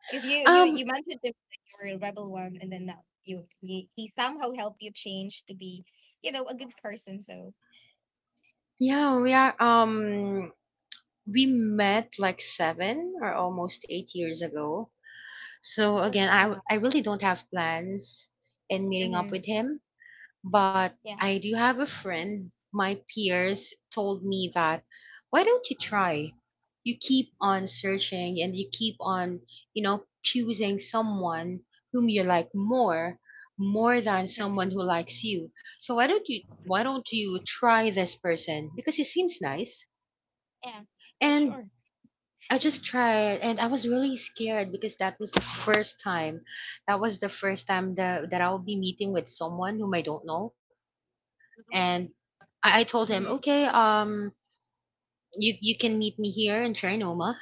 Speaker 1: Because you
Speaker 2: Um,
Speaker 1: mentioned to me that you were a rebel one, and then now you he, somehow helped you change to be, you know, a good person. So
Speaker 2: yeah, we met like 7 or almost 8 years ago. So
Speaker 1: that's
Speaker 2: again, I
Speaker 1: why.
Speaker 2: I really don't have plans in meeting up
Speaker 1: Mm-hmm.
Speaker 2: with him. But
Speaker 1: Yeah,
Speaker 2: I do have a friend, my peers told me that, why don't you try? You keep on searching, and you keep on, choosing someone whom you like more, more than someone who likes you. So why don't you try this person? Because he seems nice.
Speaker 1: yeah, for
Speaker 2: And
Speaker 1: sure.
Speaker 2: I just tried, and I was really scared because that was the first time. That was the first time that I'll be meeting with someone whom I don't know. And I told him,
Speaker 1: Mm-hmm.
Speaker 2: okay, you can meet me here in Trinoma,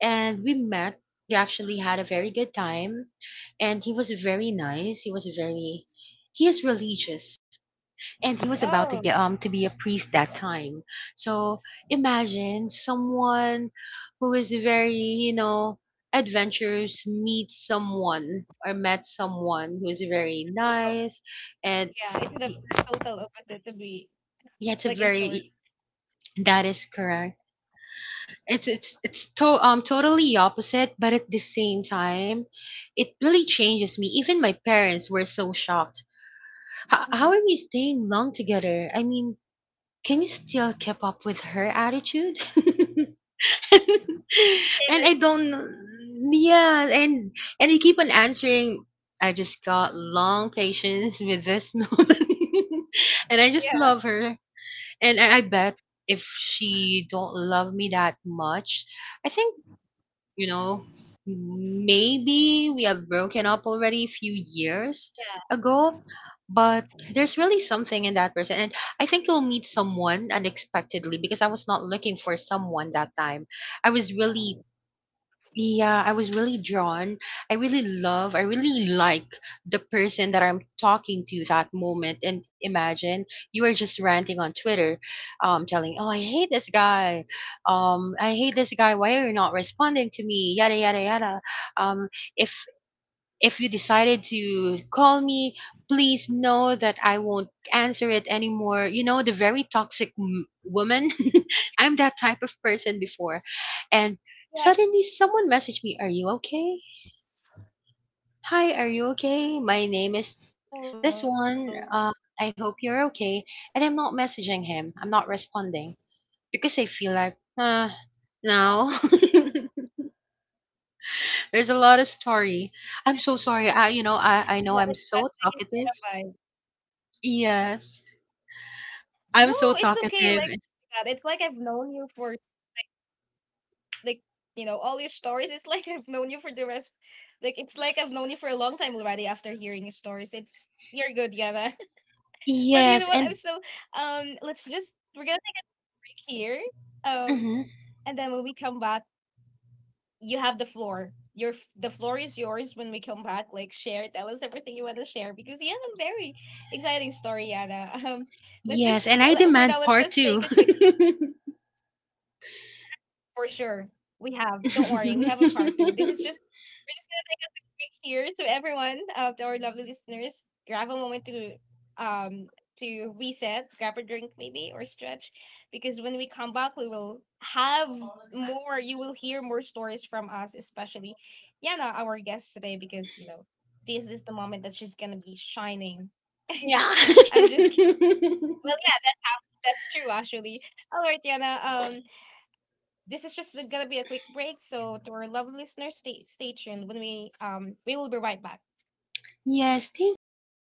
Speaker 2: and we met. We actually had a very good time, and he was very nice. He is religious, and he was about to get
Speaker 1: Oh,
Speaker 2: to be a priest that time. So imagine someone who is very, adventurous, meets someone or met someone who is very nice. And
Speaker 1: yeah, it's the total opposite to be
Speaker 2: yeah, it's a
Speaker 1: like, in short.
Speaker 2: very. That is correct. It's totally opposite, but at the same time, it really changes me. Even my parents were so shocked. How
Speaker 1: Mm-hmm.
Speaker 2: are you staying long together? I mean, can you still keep up with her attitude? [LAUGHS] And
Speaker 1: Yes,
Speaker 2: I don't, yeah, and they keep on answering. I just got long patience with this [LAUGHS] moment, and I just
Speaker 1: yeah,
Speaker 2: love her. And I bet if she don't love me that much, I think, you know maybe we have broken up already a few years
Speaker 1: yeah,
Speaker 2: ago. But there's really something in that person. And I think you'll meet someone unexpectedly, because I was not looking for someone that time. I was really. Yeah, I was really drawn. I really like the person that I'm talking to that moment. And imagine you were just ranting on Twitter, telling, "Oh, I hate this guy. I hate this guy. Why are you not responding to me? Yada yada yada. Um, if if you decided to call me, please know that I won't answer it anymore. You know, the very toxic woman. [LAUGHS] I'm that type of person before.
Speaker 1: yeah.
Speaker 2: And suddenly, someone messaged me, are you okay? Hi, are you okay?
Speaker 1: Oh,
Speaker 2: My
Speaker 1: that's
Speaker 2: name
Speaker 1: so.
Speaker 2: is this one. I hope you're okay. And I'm not messaging him, I'm not responding because I feel like, no. [LAUGHS] There's a lot of story. I'm so sorry. I, you know, I, I
Speaker 1: That,
Speaker 2: know I'm
Speaker 1: that is not
Speaker 2: so
Speaker 1: a vibe.
Speaker 2: talkative. Yes.
Speaker 1: No, it's
Speaker 2: I'm so
Speaker 1: okay. Like
Speaker 2: talkative.
Speaker 1: that. It's like I've known you for all, like, you know all your stories, it's like [LAUGHS] I've known you for the rest. Like, it's like I've known you for a long time already. After hearing your stories, it's you're good, Yana. [LAUGHS] But you know
Speaker 2: Yes,
Speaker 1: what, I'm
Speaker 2: and
Speaker 1: so let's just, we're gonna take a break here, um
Speaker 2: mhm.
Speaker 1: and then when we come back, you have the floor. The floor is yours when we come back. Like, share, tell us everything you want to share, because you have a very exciting story, Yana. [LAUGHS] Let's just
Speaker 2: Yes, and I
Speaker 1: for now
Speaker 2: demand
Speaker 1: let's
Speaker 2: part
Speaker 1: just
Speaker 2: two.
Speaker 1: take a quick. For sure. We have. Don't worry. We have a part two. This is just
Speaker 2: [LAUGHS]
Speaker 1: We're just gonna take a quick break here. So everyone, to our lovely listeners, grab a moment um to reset, grab a drink maybe or stretch, because when we come back, we will have more. You will hear more stories from us, especially Yana, our guest today, because you know this is the moment that she's gonna be shining.
Speaker 2: Yeah.
Speaker 1: [LAUGHS] I'm just kid- well,
Speaker 2: [LAUGHS]
Speaker 1: yeah, that's true, actually. All right, Yana. This is just gonna be a quick break. So to our lovely listeners, stay tuned. When we We will be right back.
Speaker 2: Yes, thank you.